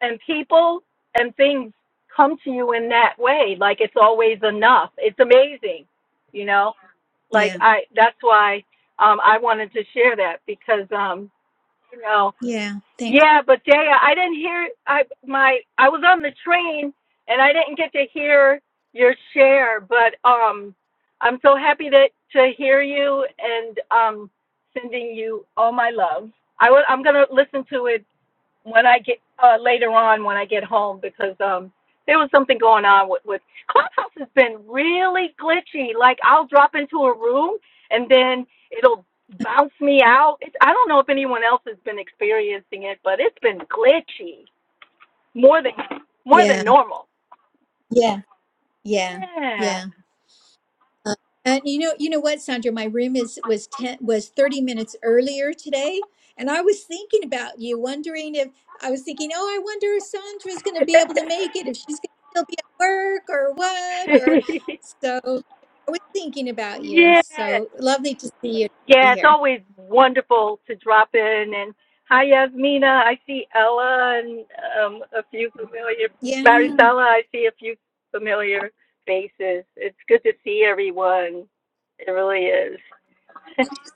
and people and things come to you in that way. Like it's always enough. It's amazing, you know. Like
Yeah.
I, that's why um, I wanted to share that because um, you know
Yeah. Thanks.
yeah, but Jaya, I didn't hear. I my I was on the train and I didn't get to hear your share. But um, I'm so happy to to hear you and um, sending you all my love. I will. i I'm gonna listen to it when I get uh, later on when I get home because um there was something going on with with Clubhouse has been really glitchy. Like I'll drop into a room and then it'll bounce me out. It's, I don't know if anyone else has been experiencing it, but it's been glitchy more than more than
Yeah.
normal.
Yeah. Yeah,
Yeah.
yeah. Uh, and you know, you know what, Sandra, my room is was ten was thirty minutes earlier today, and I was thinking about you, wondering if I was thinking, oh, I wonder if Sandra's going to be able to make it, if she's going to still be at work or what, or so. I was thinking about you.
yeah.
So lovely to see you be
Yeah, it's
here.
always wonderful to drop in. And hi, Yasmina. I see Ella and um, a few familiar,
Yeah,
Marisela, I see a few familiar faces. It's good to see everyone. It really is.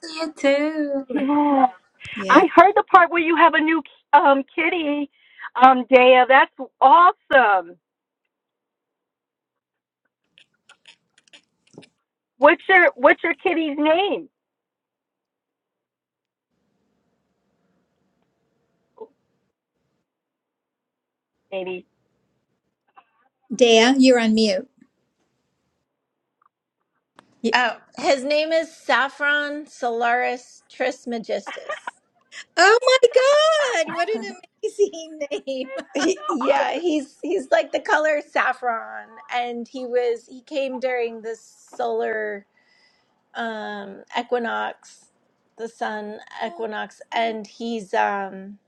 See you too.
yeah. I
yeah.
heard the part where you have a new um, kitty, um, Dea. That's awesome. What's your What's your kitty's name? Maybe.
Dea, you're on mute. Y-
Oh, his name is Saffron Solaris Trismegistus.
Oh my God! What an amazing name.
He, yeah, he's he's like the color saffron, and he was he came during the solar um, equinox, the sun equinox, and he's um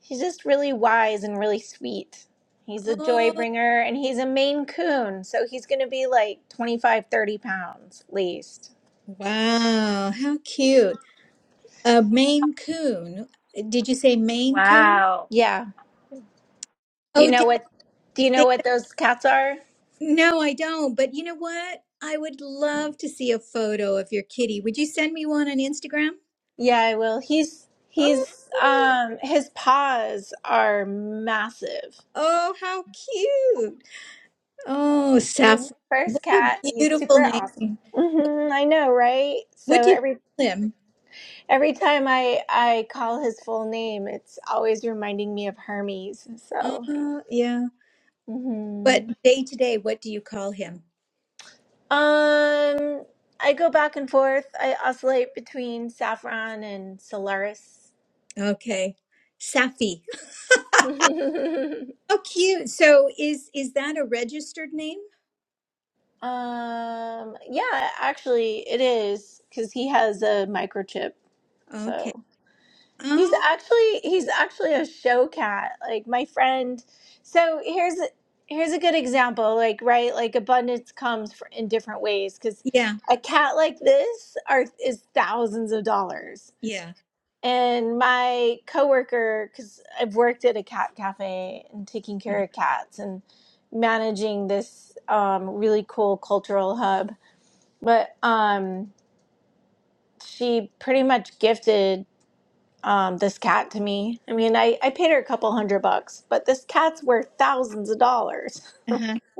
he's just really wise and really sweet. He's a joy
Oh.
bringer, and he's a Maine Coon, so he's going to be like 25 30 pounds least.
Wow, how cute. A Maine Coon. Did you say Maine Coon?
Wow.
Yeah. Do you
Oh,
know
da-
what? Do you know
da-
what those cats are?
no, I don't. But you know what? I would love to see a photo of your kitty. Would you send me one on Instagram?
Yeah, I will. He's
Oh,
he's um his paws are massive.
oh, how cute. Oh,
He's my
Saffron.
first
What a
cat. He's
beautiful
super awesome.
name.
hmm I know, right?
What
So
do you
every
call him?
every time I I call his full name, it's always reminding me of Hermes. So,
Uh, yeah. But
hmm
day to day, what do you call him?
um, I go back and forth. I oscillate between Saffron and Solaris.
Okay. Safi. How cute. So is is that a registered name?
Um, yeah, actually, it is because he has a microchip.
Okay.
So he's
Oh,
actually he's actually a show cat. Like my friend. So here's here's a good example. Like right, like abundance comes fr- in different ways because
yeah,
a cat like this are is thousands of dollars.
yeah.
And my coworker, because I've worked at a cat cafe and taking care
Uh-huh.
of cats and managing this um, really cool cultural hub but um, she pretty much gifted um, this cat to me. I mean, I, I paid her a couple hundred bucks, but this cat's worth thousands of dollars.
Uh-huh.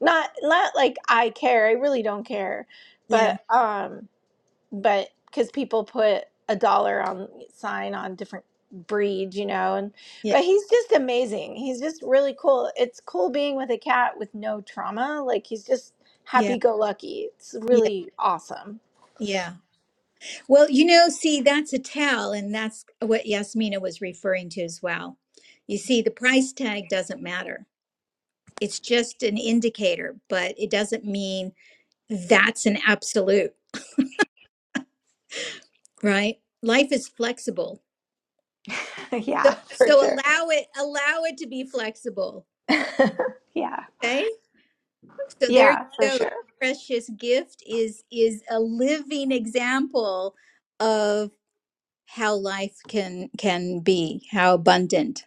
not not like I care. I really don't care.
Yeah,
But um, but because people put a dollar on sign on different breeds, you know, and
yeah,
but he's just amazing. He's just really cool. It's cool being with a cat with no trauma. Like he's just
yeah,
happy go lucky. It's
yeah,
really awesome.
yeah. Well, you know, see, that's a tell, and that's what Yasmina was referring to as well. You see, the price tag doesn't matter. It's just an indicator, but it doesn't mean that's an absolute, right? Life is flexible.
yeah.
So so allow it allow it to be flexible.
Yeah.
okay? So there you
Yeah, for
go. The
sure.
Precious gift is is a living example of how life can can be, how abundant,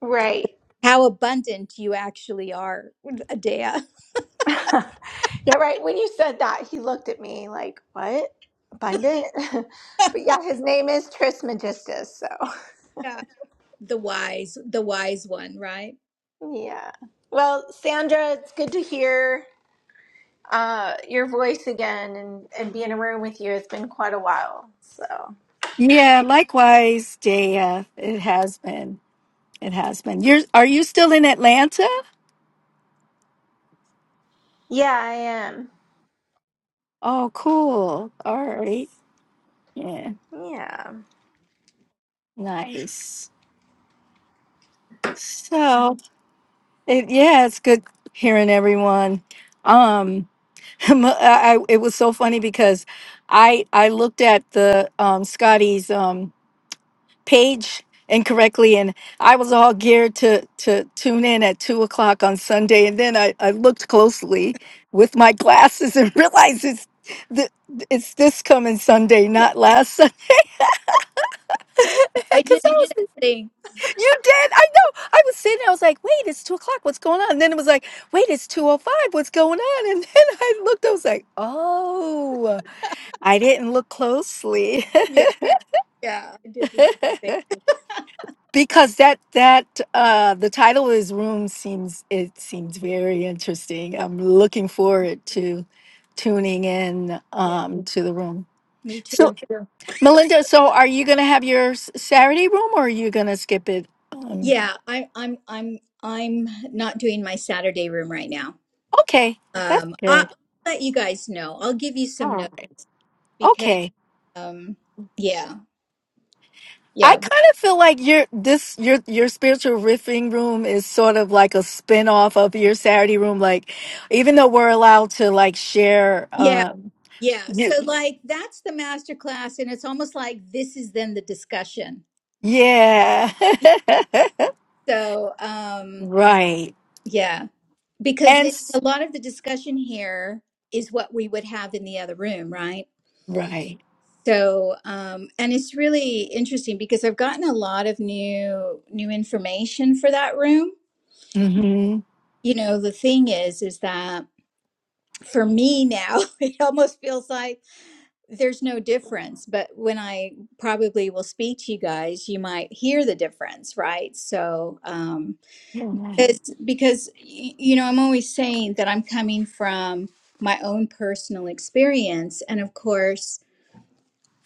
Right.
how abundant you actually are, Adea.
yeah, right. When you said that, he looked at me like, what? Abundant? but yeah, his name is Trismegistus. So,
Yeah. The wise, the wise one, right?
yeah. Well, Sandra, it's good to hear uh, your voice again and, and be in a room with you. It's been quite a while. So,
Yeah, likewise, Dea. It has been. It has been. You're are you still in Atlanta?
yeah, I am.
Oh, cool. All right. Yeah.
Yeah.
Nice. So it yeah, it's good hearing everyone. Um I, I it was so funny because I I looked at the um Scotty's um page incorrectly and I was all geared to to tune in at two o'clock on Sunday and then I, I looked closely with my glasses and realized it's the it's this coming Sunday,
Yeah.
not last
I
Because
did
I
the
was,
same.
you did. I know. I was sitting. I was like, "Wait, it's two o'clock. What's going on?" And then it was like, "Wait, it's two o five. What's going on?" And then I looked. I was like, "Oh, I didn't look closely."
Yeah, yeah. I did the same thing.
because that that uh the title of his room seems it seems very interesting i'm looking forward to tuning in
Yeah.
um to the room
Me
so
too.
melinda so are you gonna have your s- saturday room or are you gonna skip it um,
Yeah, I, I'm I'm I'm not doing my Saturday room right now.
Okay, that's
Um, I,
good.
I'll let you guys know. I'll give you some
Oh,
notes
okay.
um yeah
I
yeah
kind of feel like your this your your spiritual riffing room is sort of like a spin-off of your Saturday room. Like, even though we're allowed to like share,
yeah
um,
yeah so
you,
like that's the master class and it's almost like this is then the discussion
yeah,
so um
right,
yeah because
and
it,
s-
a lot of the discussion here is what we would have in the other room right
right,
so um and it's really interesting because i've gotten a lot of new new information for that room
mm-hmm,
you know the thing is is that for me now it almost feels like there's no difference but when i probably will speak to you guys you might hear the difference right so um
yeah,
it's because y- you know i'm always saying that i'm coming from my own personal experience and of course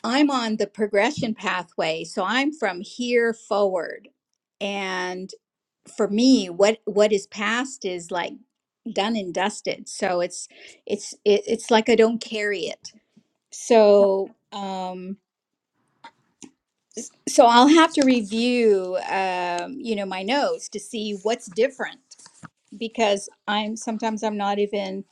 i'm on the progression pathway so i'm from here forward and for me what what is past is like done and dusted so it's it's it, it's like i don't carry it so um so I'll have to review, um, you know, my notes to see what's different because I'm sometimes I'm not even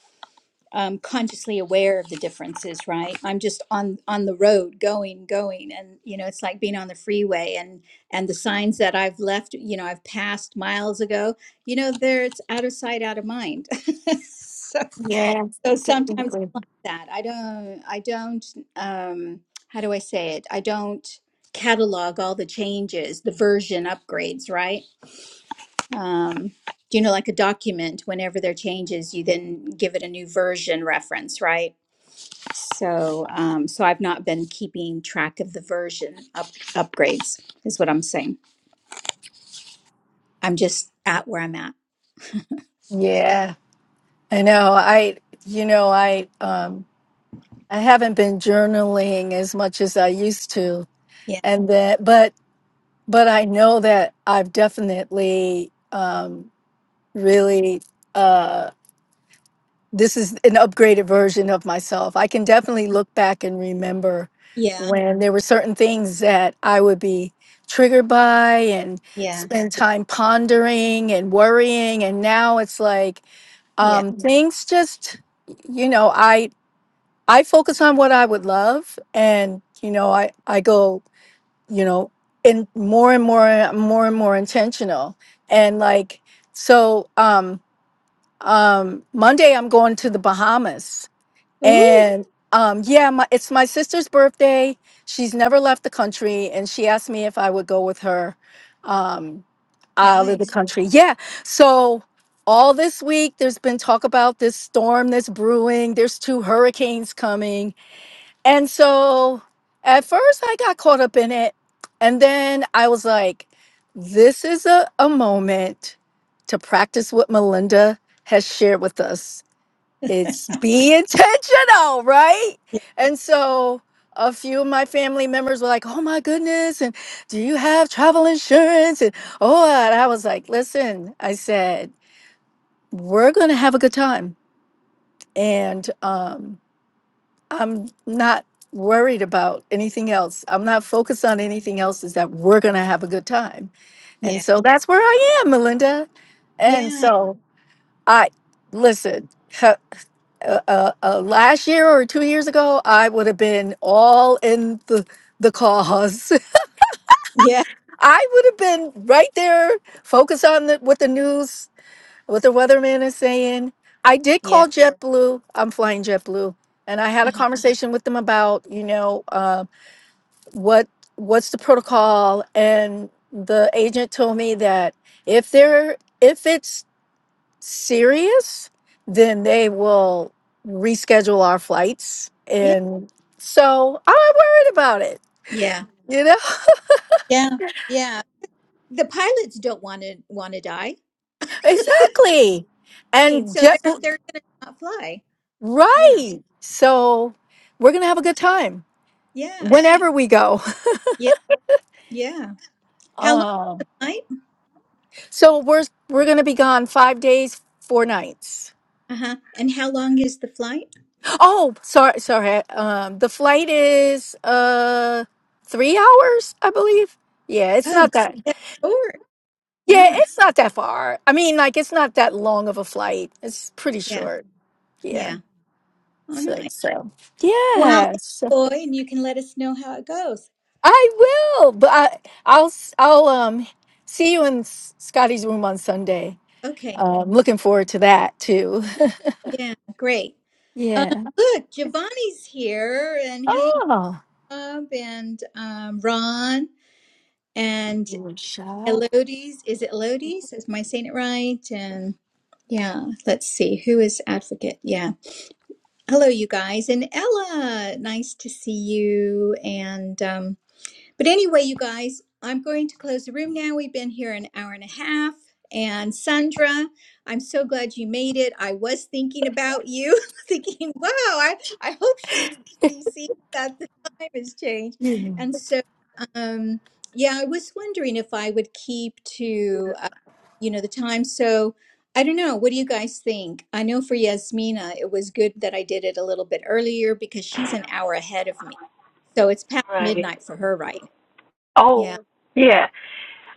um, consciously aware of the differences. Right, I'm just on on the road, going, going, and you know, it's like being on the freeway and and the signs that I've left, you know, I've passed miles ago. You know, there it's out of sight, out of mind. so.
yeah,
So sometimes it's
definitely.
like that. I don't, I don't, um, how do I say it? I don't catalog all the changes, the version upgrades, right? Um, you know, like a document, whenever there are changes, you then give it a new version reference, right? So, um, so I've not been keeping track of the version up, upgrades, is what I'm saying. I'm just at where I'm at.
yeah. I know. I you know I um I haven't been journaling as much as I used to
Yeah.
and then but but I know that I've definitely um, really uh, this is an upgraded version of myself. I can definitely look back and remember
Yeah.
when there were certain things that I would be triggered by and
Yeah.
spend time pondering and worrying and now it's like
Yeah.
um, things just you know I I focus on what I would love and you know I I go you know, and more and more more and more intentional. And like so um um Monday I'm going to the Bahamas
Ooh,
and um yeah, my, it's my sister's birthday. She's never left the country and she asked me if I would go with her um out of the
nice.
country. Yeah. So all this week there's been talk about this storm that's brewing. There's two hurricanes coming and so at first I got caught up in it. And then I was like, this is a, a moment to practice what Melinda has shared with us. It's be intentional, right?
Yeah.
And so a few of my family members were like, oh my goodness. And do you have travel insurance? And oh, and I was like, listen, I said, we're going to have a good time. And, um, I'm not worried about anything else. I'm not focused on anything else, is that we're going to have a good time. And
Yeah.
so that's where I am, Melinda. And
Yeah.
so I, listen, uh, uh, uh, last year or two years ago, I would have been all in the the cause.
Yeah.
I would have been right there, focused on the, what the news, what the weatherman is saying. I did call JetBlue. I'm flying JetBlue, and I had a
Yeah.
conversation with them about, you know, uh, what what's the protocol and the agent told me that if they're if it's serious then they will reschedule our flights
Yeah,
and so i'm not worried about it
yeah,
you know
yeah, yeah. The pilots don't want to want to die,
exactly
and
and
so they're
JetBlue
they're gonna not fly. Yeah,
right so we're gonna have a good time
yeah,
whenever we go
yeah, yeah. How long
um
flight?
so we're we're gonna be gone five days four nights
Uh huh. And how long is the flight?
Oh, sorry, sorry. Um, the flight is uh three hours, I believe. Yeah, it's
Oh, God,
not that.
that's short.
Yeah,
Yeah,
it's not that far. I mean, like it's not that long of a flight. It's pretty
yeah,
short. Yeah,
yeah. Oh,
it's
nice.
like so.
Well,
Yes,
enjoy, and you can let us know how it goes.
I will. But I, I'll s- I'll um see you in S- Scotty's room on Sunday.
Okay.
Um, looking forward to that too.
Yeah, great. Um,
Yeah.
look, Giovanni's here, and hey,
Oh,
Bob, and um, Ron. and
shop.
Elodie's, is it Elodie's? am I saying it right? And yeah, let's see who is advocate. Yeah, hello, you guys, and Ella. Nice to see you. And um, but anyway, you guys, I'm going to close the room now. We've been here an hour and a half. And Sandra, I'm so glad you made it. I was thinking about you, thinking, wow, I, I hope she, she sees that the time has changed. And so, um, yeah, I was wondering if I would keep to, uh, you know, the time. So I don't know. What do you guys think? I know for Yasmina, it was good that I did it a little bit earlier because she's an hour ahead of me. So it's past
Right.
midnight for her right now. Yeah.
Oh, yeah.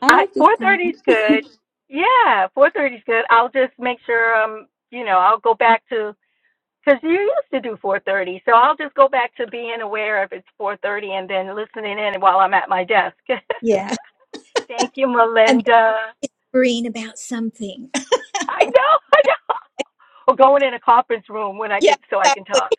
I
I
like this
four
time
thirty is good. Yeah, four thirty is good. I'll just make sure um you know I'll go back to because you used to do four thirty, so I'll just go back to being aware if it's four thirty and then listening in while I'm at my desk.
Yeah.
Thank you,
And
Melinda.
they're worrying about something.
I know, I know. Or going in a conference room when I
Yeah,
can so I can
exactly.
talk.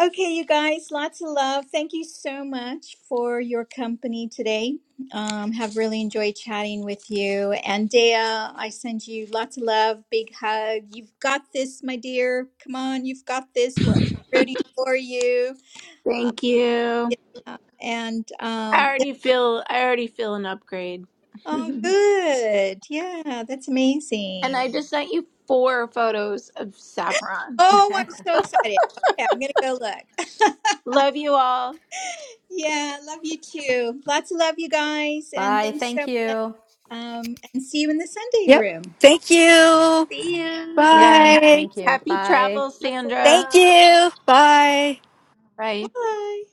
Okay, you guys, lots of love. Thank you so much for your company today. Um, have really enjoyed chatting with you. And Dea, I send you lots of love, big hug. You've got this, my dear. Come on, you've got this. We're rooting for you. Uh,
Thank you.
yeah. And
I
um, yeah.
already feel I already feel an upgrade.
oh,
and
good. Yeah, that's amazing.
I just sent you four photos of saffron.
Oh, I'm so excited. Okay, I'm gonna go look.
Love you all.
Yeah, love you too. Lots of love, you guys, and
Bye.
thanks so.
Thank you.
Um, and see you in the Sunday
Yep.
room.
Thank you.
See
Bye.
you. Thank
Yeah.
Bye.
Thank you.
Happy
Bye.
travels,
Masala.
Sandra.
Thank you. Bye.
Bye.
Bye.